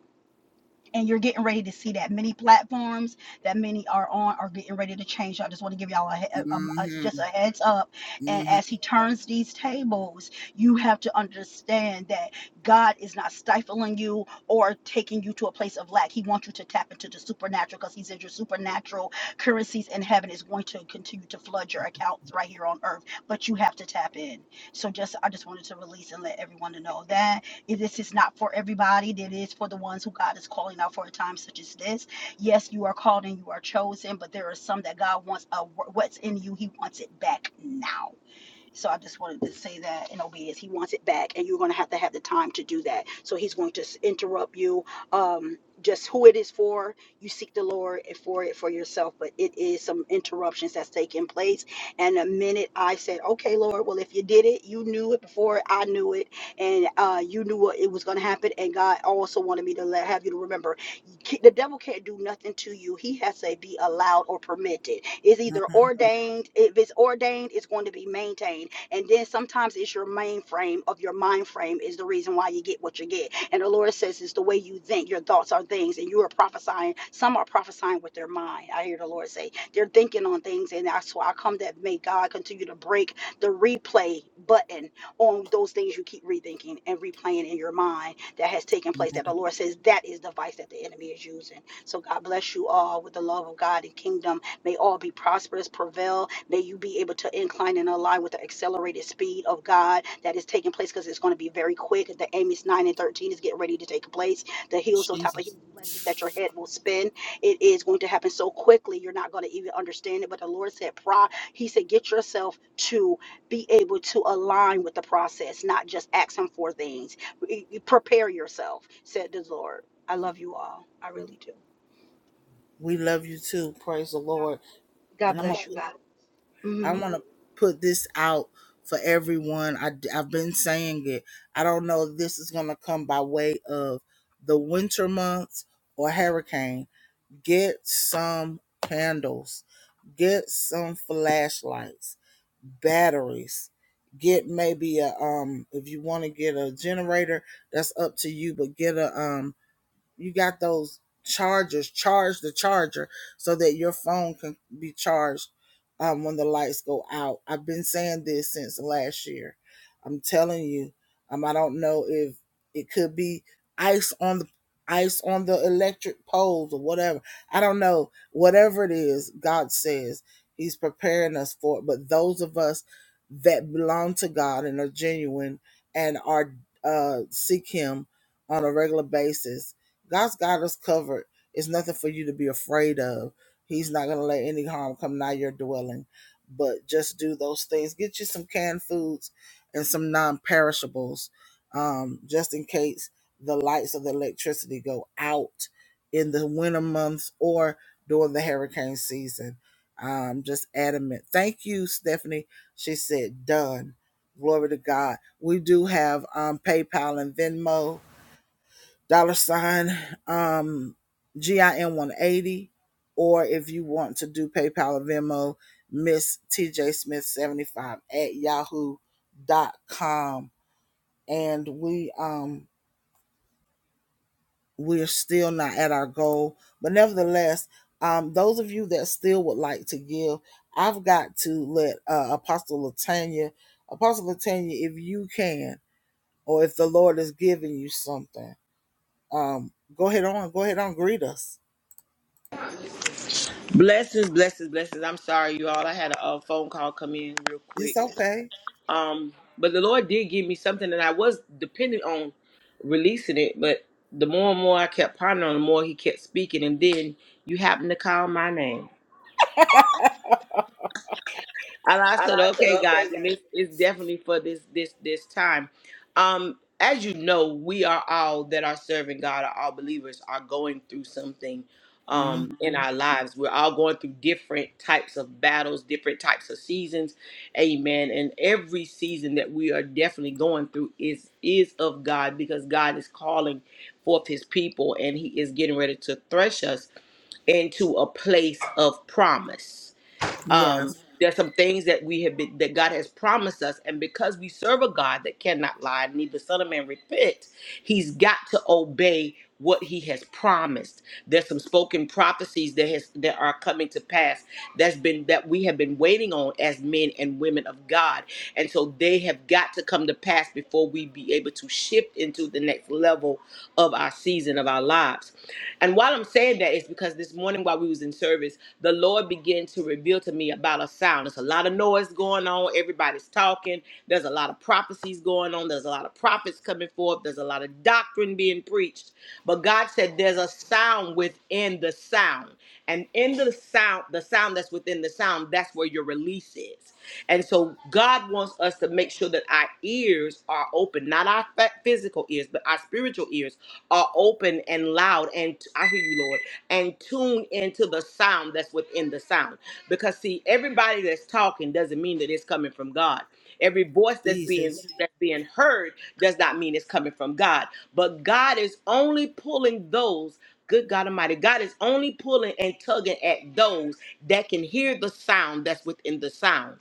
Speaker 3: and you're getting ready to see that many platforms that many are on are getting ready to change. So I just want to give y'all a, he- a- um, a- just a heads up. And as he turns these tables, you have to understand that God is not stifling you or taking you to a place of lack. He wants you to tap into the supernatural because He said your supernatural currencies in heaven is going to continue to flood your accounts right here on earth. But you have to tap in. So just I just wanted to release and let everyone to know that. This is not for everybody. It is for the ones who God is calling out for a time such as this. Yes, you are called and you are chosen, but there are some that God wants a, what's in you. He wants it back now so I just wanted to say that in obedience, he wants it back, and you're going to have to have the time to do that. So he's going to s- interrupt you. Um, just who it is for, you seek the Lord and for it for yourself, but it is some interruptions that's taking place. And the minute I said, "Okay, Lord, well, if you did it, you knew it before I knew it, and uh, you knew what it was going to happen," and God also wanted me to let have you to remember the devil can't do nothing to you. He has to be allowed or permitted. It's either ordained. If it's ordained, it's going to be maintained. And then sometimes it's your mainframe of your mind frame is the reason why you get what you get. And the Lord says it's the way you think. Your thoughts are things, and you are prophesying. Some are prophesying with their mind. I hear the Lord say they're thinking on things, and that's why I come that may God continue to break the replay button on those things you keep rethinking and replaying in your mind that has taken place that the Lord says that is the vice that the enemy is using. So God bless you all with the love of God and kingdom. May all be prosperous, prevail. May you be able to incline and align with the accelerated speed of God that is taking place because it's going to be very quick. The Amos 9 and 13 is getting ready to take place. The heels on top of heels, blessings that your head will spin. It is going to happen so quickly, you're not going to even understand it. But the Lord said, "Pro," He said, get yourself to be able to align with the process, not just ask Him for things prepare yourself, said the Lord. I love you all. I really do. God God bless you, God. hmm
Speaker 2: Blessings, blessings, blessings. I'm sorry, you all. I had a, uh phone call come in real quick. Um, but the Lord did give me something, and I was dependent on releasing it. But the more and more I kept pondering, the more He kept speaking, and then you happened to call my name. And I said, okay, guys, and it's, it's definitely for this this this time. Um, as you know, we are all that are serving God, are all believers are going through something um in our lives. We're all going through different types of battles, different types of seasons. Amen. And every season that we are definitely going through is is of God because God is calling forth his people and he is getting ready to thresh us into a place of promise um, there's some things that we have been that God has promised us, and because we serve a God that cannot lie, neither son of man repent, He's got to obey what He has promised. There's some spoken prophecies that has that are coming to pass that's been that we have been waiting on as men and women of God, and so they have got to come to pass before we be able to shift into the next level of our season of our lives. And while I'm saying that, it's because this morning while we was in service the Lord began to reveal to me about a sound. There's a lot of noise going on. Everybody's talking. There's a lot of prophecies going on. There's a lot of prophets coming forth. There's a lot of doctrine being preached. But God said there's a sound within the sound. And in the sound, the sound that's within the sound, that's where your release is. And so God wants us to make sure that our ears are open, not our fa- physical ears, but our spiritual ears are open and loud. And I hear you, Lord and tune into the sound that's within the sound. Because see, everybody that's talking doesn't mean that it's coming from God. Every voice that's being that's being heard does not mean it's coming from God. But God is only pulling those. Good God Almighty, God is only pulling and tugging at those that can hear the sound that's within the sound.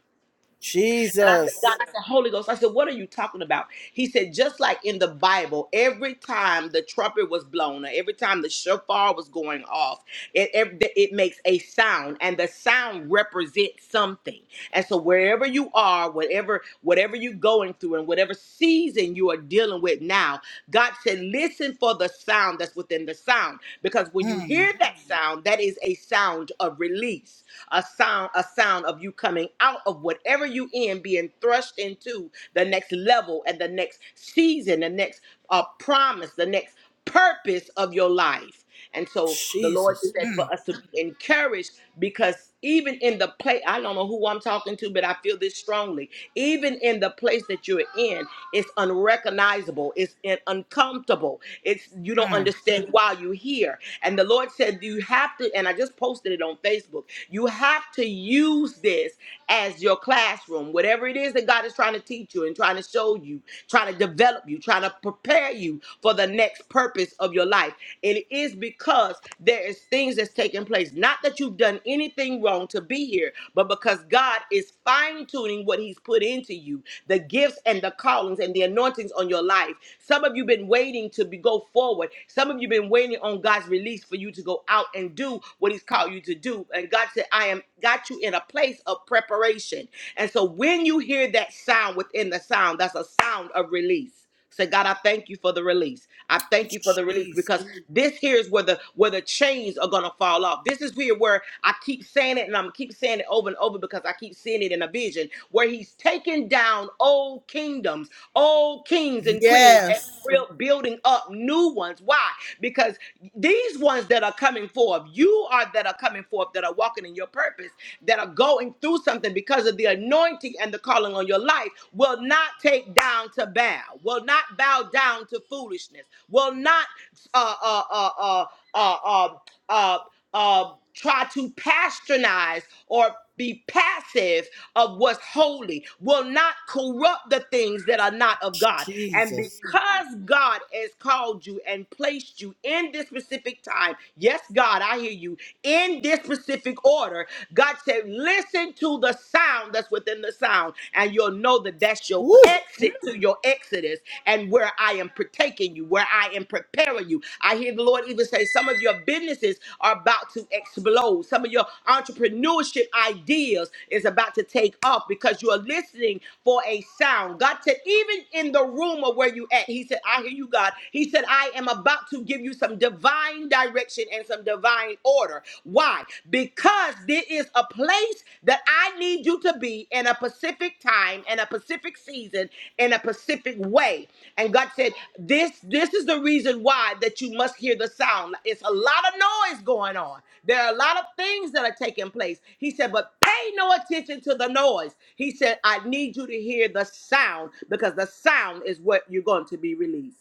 Speaker 2: And I said, God, I said, Holy Ghost. I said, what are you talking about? He said, just like in the Bible, every time the trumpet was blown, or every time the shofar was going off, it, it, it makes a sound, and the sound represents something. And so wherever you are, whatever whatever you're going through, and whatever season you are dealing with now, God said, listen for the sound that's within the sound, because when you hear that sound, that is a sound of release a sound, a sound of you coming out of whatever you in, being thrust into the next level and the next season, the next uh, promise, the next purpose of your life. And so the Lord said for us to be encouraged because even in the place, I don't know who I'm talking to, but I feel this strongly. Even in the place that you're in, it's unrecognizable, it's in- uncomfortable, it's you don't understand why you're here. And the Lord said, You have to, and I just posted it on Facebook you have to use this as your classroom, whatever it is that God is trying to teach you and trying to show you trying to develop you, trying to prepare you for the next purpose of your life. It is because there is things that's taking place. Not that you've done anything wrong to be here, but because God is fine-tuning what He's put into you, the gifts and the callings and the anointings on your life. Some of you been waiting to be, go forward. Some of you been waiting on God's release for you to go out and do what He's called you to do. And God said, I am got you in a place of preparation. And so when you hear that sound within the sound, that's a sound of release. Say, God, I thank you for the release. I thank you for the release because this here is where the where the chains are gonna fall off. This is here where I keep saying it and I'm gonna keep saying it over and over because I keep seeing it in a vision where he's taking down old kingdoms, old kings and queens and buil- building up new ones. Why? Because these ones that are coming forth, you are that are coming forth, that are walking in your purpose, that are going through something because of the anointing and the calling on your life, will not take down to bow, will not bow down to foolishness, will not uh uh uh uh uh uh, uh, uh try to pasternize or be passive of what's holy will not corrupt the things that are not of God. And because God has called you and placed you in this specific time, yes, God, I hear you, in this specific order, God said, listen to the sound that's within the sound, and you'll know that that's your exit to your exodus and where I am partaking you, where I am preparing you. I hear the Lord even say some of your businesses are about to explode. Some of your entrepreneurship ideas is about to take off because you are listening for a sound. God said, even in the room of where you at, He said, I hear you, God. He said, I am about to give you some divine direction and some divine order. Why? Because there is a place that I need you to be in a Pacific time, in a Pacific season, in a Pacific way. And God said, This this is the reason why that you must hear the sound. It's a lot of noise going on. There are a lot of things that are taking place. He said, but pay no attention to the noise. He said, I need you to hear the sound because the sound is what you're going to be released.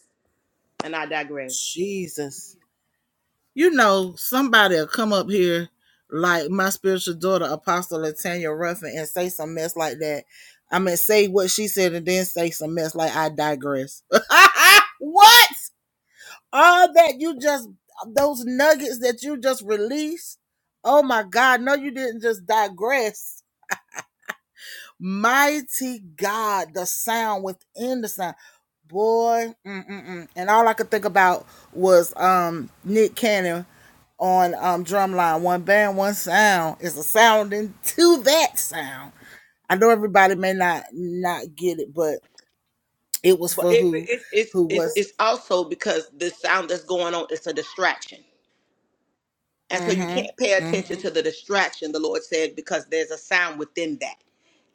Speaker 2: And I digress. But it, it, it's, it's, it's also because the sound that's going on is a distraction. And so you can't pay attention to the distraction, the Lord said, because there's a sound within that.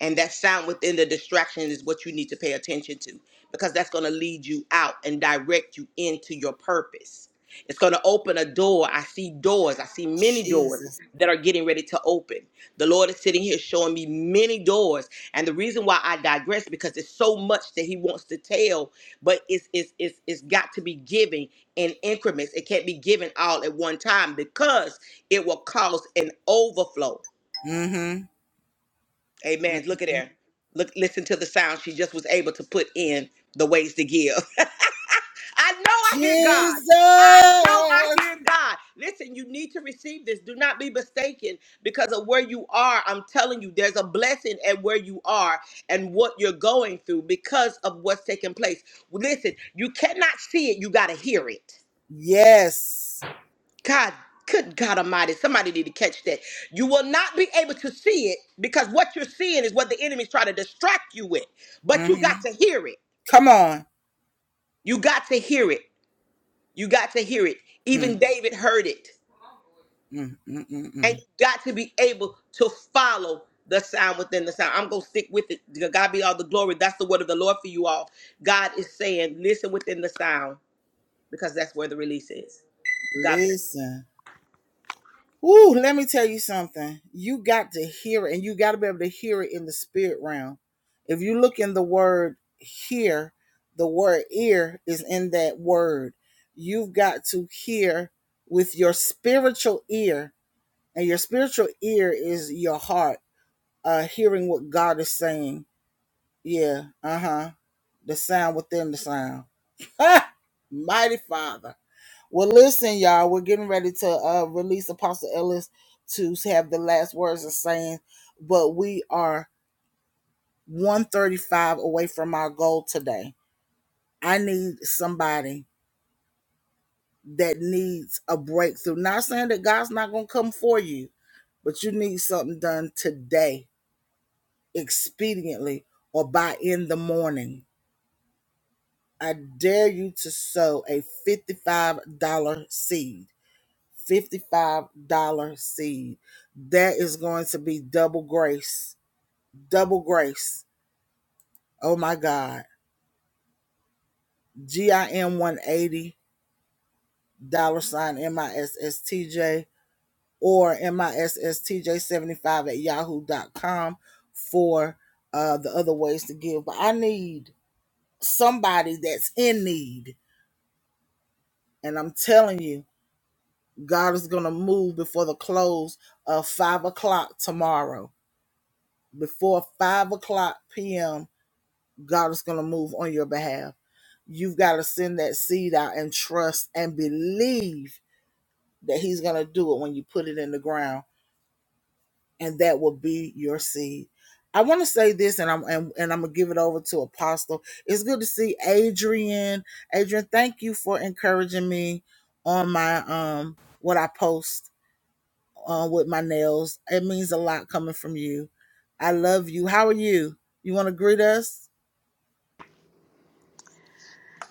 Speaker 2: And that sound within the distraction is what you need to pay attention to because that's going to lead you out and direct you into your purpose. It's going to open a door. I see doors. I see many doors that are getting ready to open. The Lord is sitting here showing me many doors. And the reason why I digress because it's so much that he wants to tell, but it's it's it's, it's got to be given in increments. It can't be given all at one time because it will cause an overflow. Amen. Look at there. Look listen to the sound she just was able to put in the ways to give. I know I hear God. I know I hear God. Listen, you need to receive this. Do not be mistaken because of where you are. I'm telling you, there's a blessing at where you are and what you're going through because of what's taking place. Listen, you cannot see it, you got to hear it. God, good God Almighty, somebody need to catch that. You will not be able to see it because what you're seeing is what the enemy's trying to distract you with, but you got to hear it. You got to hear it. You got to hear it. Even David heard it. and you got to be able to follow the sound within the sound. I'm gonna stick with it. To God be all the glory. That's the word of the Lord for you all. God is saying, listen within the sound because that's where the release is. God bless.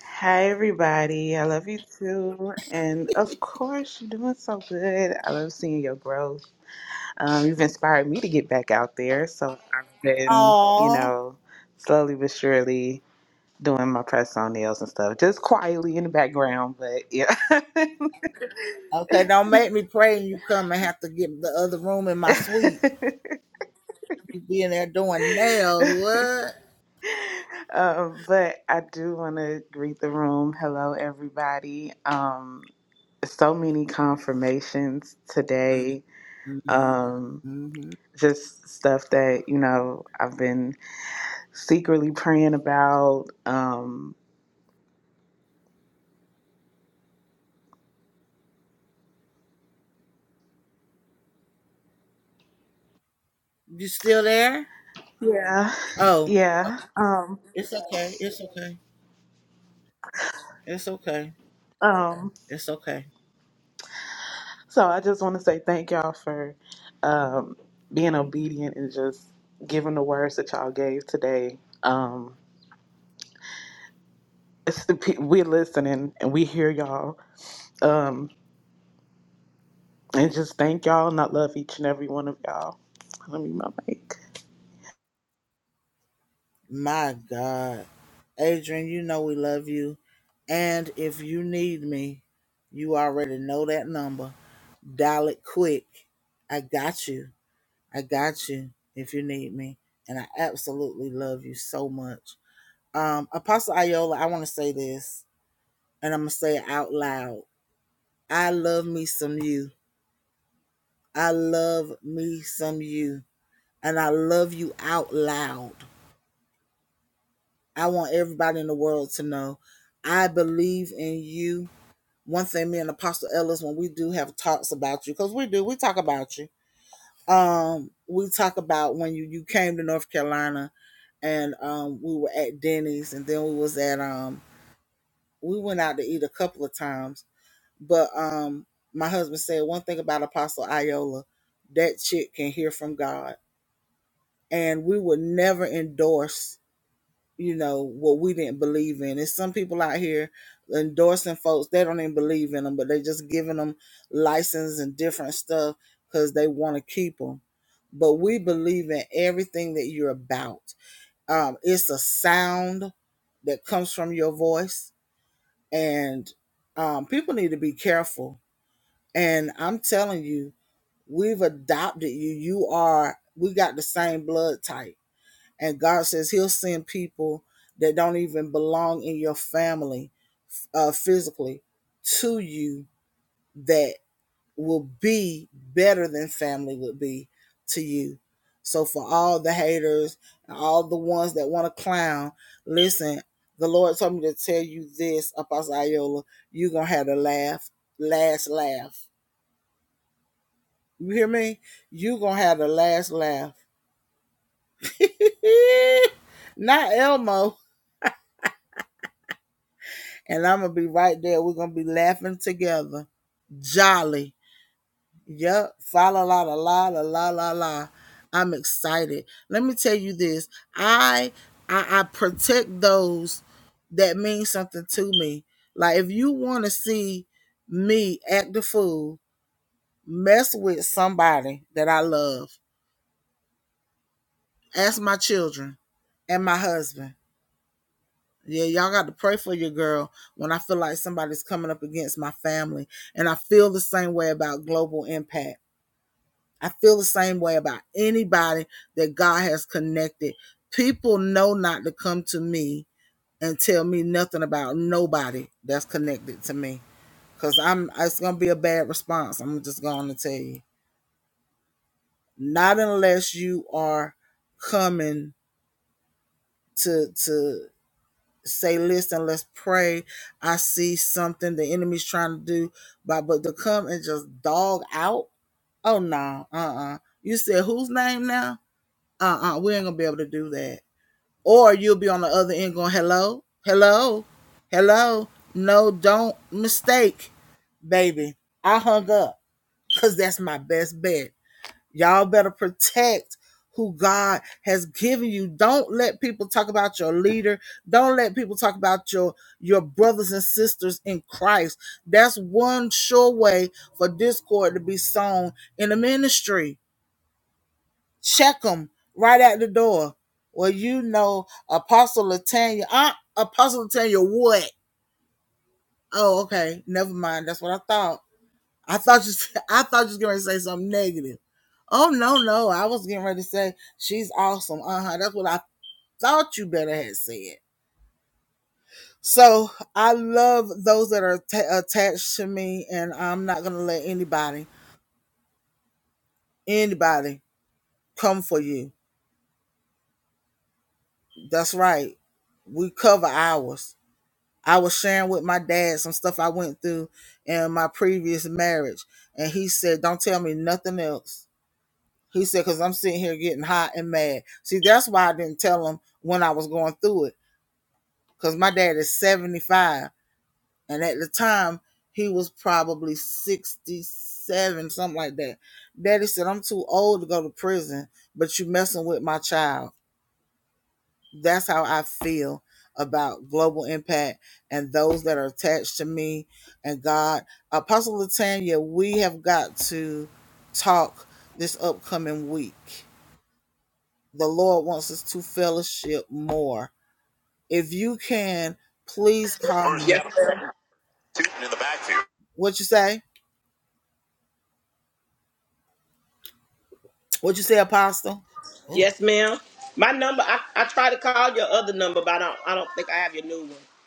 Speaker 7: Hi, everybody. I love you too. And of course, you're doing so good. I love seeing your growth. Um, you've inspired me to get back out there. So I've been, you know, slowly but surely doing my press on nails and stuff, just quietly in the background. But yeah. <laughs> um, but I do want to greet the room. Hello, everybody. Um, so many confirmations today. Um, just stuff that you know I've been secretly praying about. Um, yeah, yeah. Um, so I just want to say thank y'all for um, being obedient and just giving the words that y'all gave today. Um, it's the pe- we're listening and we hear y'all. Um, and just thank y'all and I love each and every one of y'all. Let me mute my mic.
Speaker 2: First Yes, down, ma'am. Tootin in the backfield. Yes, ma'am. My number. I, I try to call your other number, but I don't. I don't think I have your new one.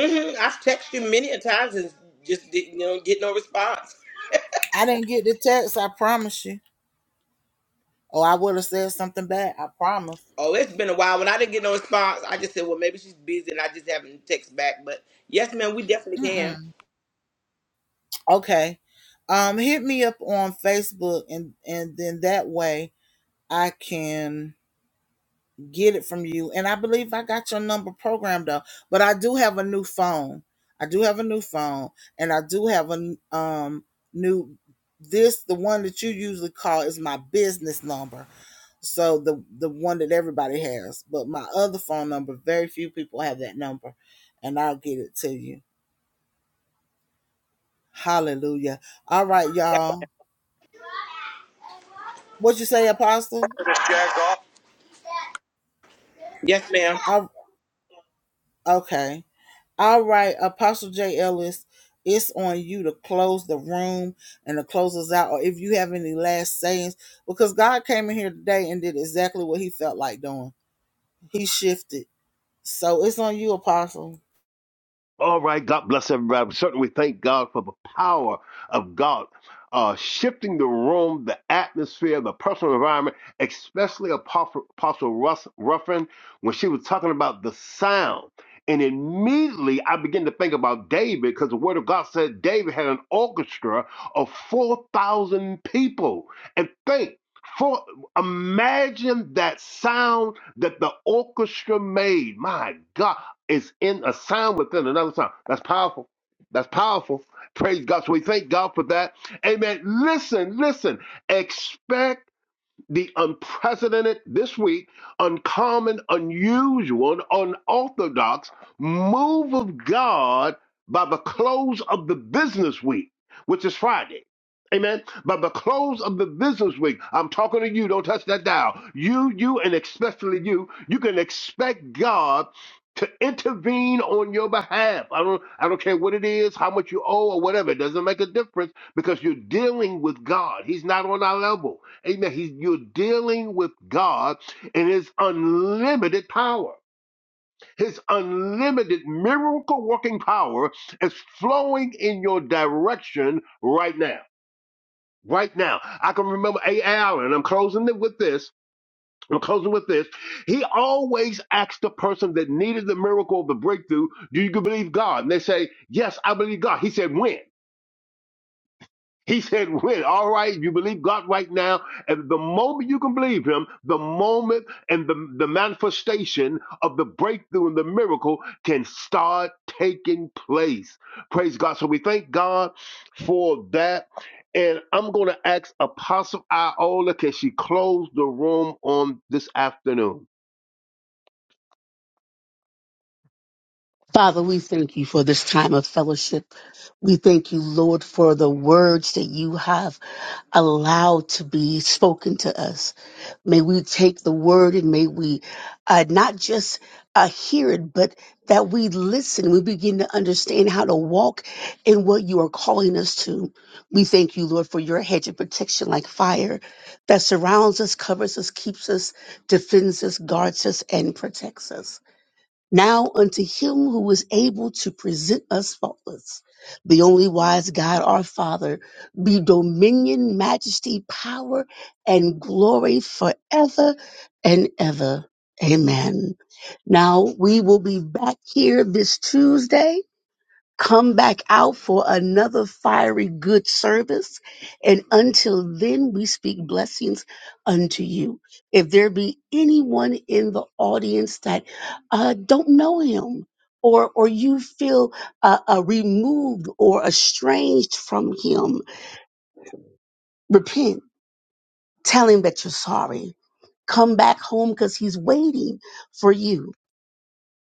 Speaker 2: hmm I've texted you many a times and just didn't you know, get no response. Oh, it's been a while. When I didn't get no response, I just said, well, maybe she's busy and I just haven't text back. But yes, ma'am, we definitely can. Miss Jack off. Yes, ma'am.
Speaker 4: All right, God bless everybody. We Certainly, thank God for the power of God uh, shifting the room, the atmosphere, the personal environment, especially Apostle, Apostle Russ, Ruffin when she was talking about the sound. And immediately I began to think about David because the Word of God said David had an orchestra of 4,000 people. And think, for, imagine that sound that the orchestra made. My God is in a sound within another sound. That's powerful. That's powerful. Praise God. So we thank God for that. Amen. Listen, listen. Expect the unprecedented this week, uncommon, unusual, unorthodox move of God by the close of the business week, which is Friday. Amen. By the close of the business week, I'm talking to you. Don't touch that dial. You, you, and especially you, you can expect God to intervene on your behalf. I don't, I don't care what it is, how much you owe, or whatever. It doesn't make a difference because you're dealing with God. He's not on our level. Amen. He's, you're dealing with God and His unlimited power. His unlimited miracle working power is flowing in your direction right now. Right now. I can remember A. Allen, I'm closing it with this. I'm closing with this. He always asked the person that needed the miracle of the breakthrough, Do you believe God? And they say, Yes, I believe God. He said, When? He said, "When all right, you believe God right now, and the moment you can believe Him, the moment and the the manifestation of the breakthrough and the miracle can start taking place." Praise God! So we thank God for that, and I'm going to ask Apostle Iola, can she close the room on this afternoon?
Speaker 6: Father, we thank you for this time of fellowship. We thank you, Lord, for the words that you have allowed to be spoken to us. May we take the word and may we uh, not just uh, hear it, but that we listen. We begin to understand how to walk in what you are calling us to. We thank you, Lord, for your hedge of protection like fire that surrounds us, covers us, keeps us, defends us, guards us, and protects us. Now unto him who is able to present us faultless, the only wise God our Father, be dominion, majesty, power, and glory forever and ever. Amen. Now we will be back here this Tuesday come back out for another fiery good service. And until then, we speak blessings unto you. If there be anyone in the audience that uh, don't know him, or, or you feel uh, uh, removed or estranged from him, repent. Tell him that you're sorry. Come back home because he's waiting for you.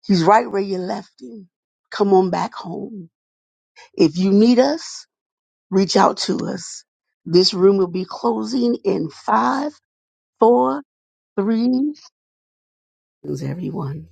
Speaker 6: He's right where you left him. Come on back home. If you need us, reach out to us. This room will be closing in five, four, three, everyone.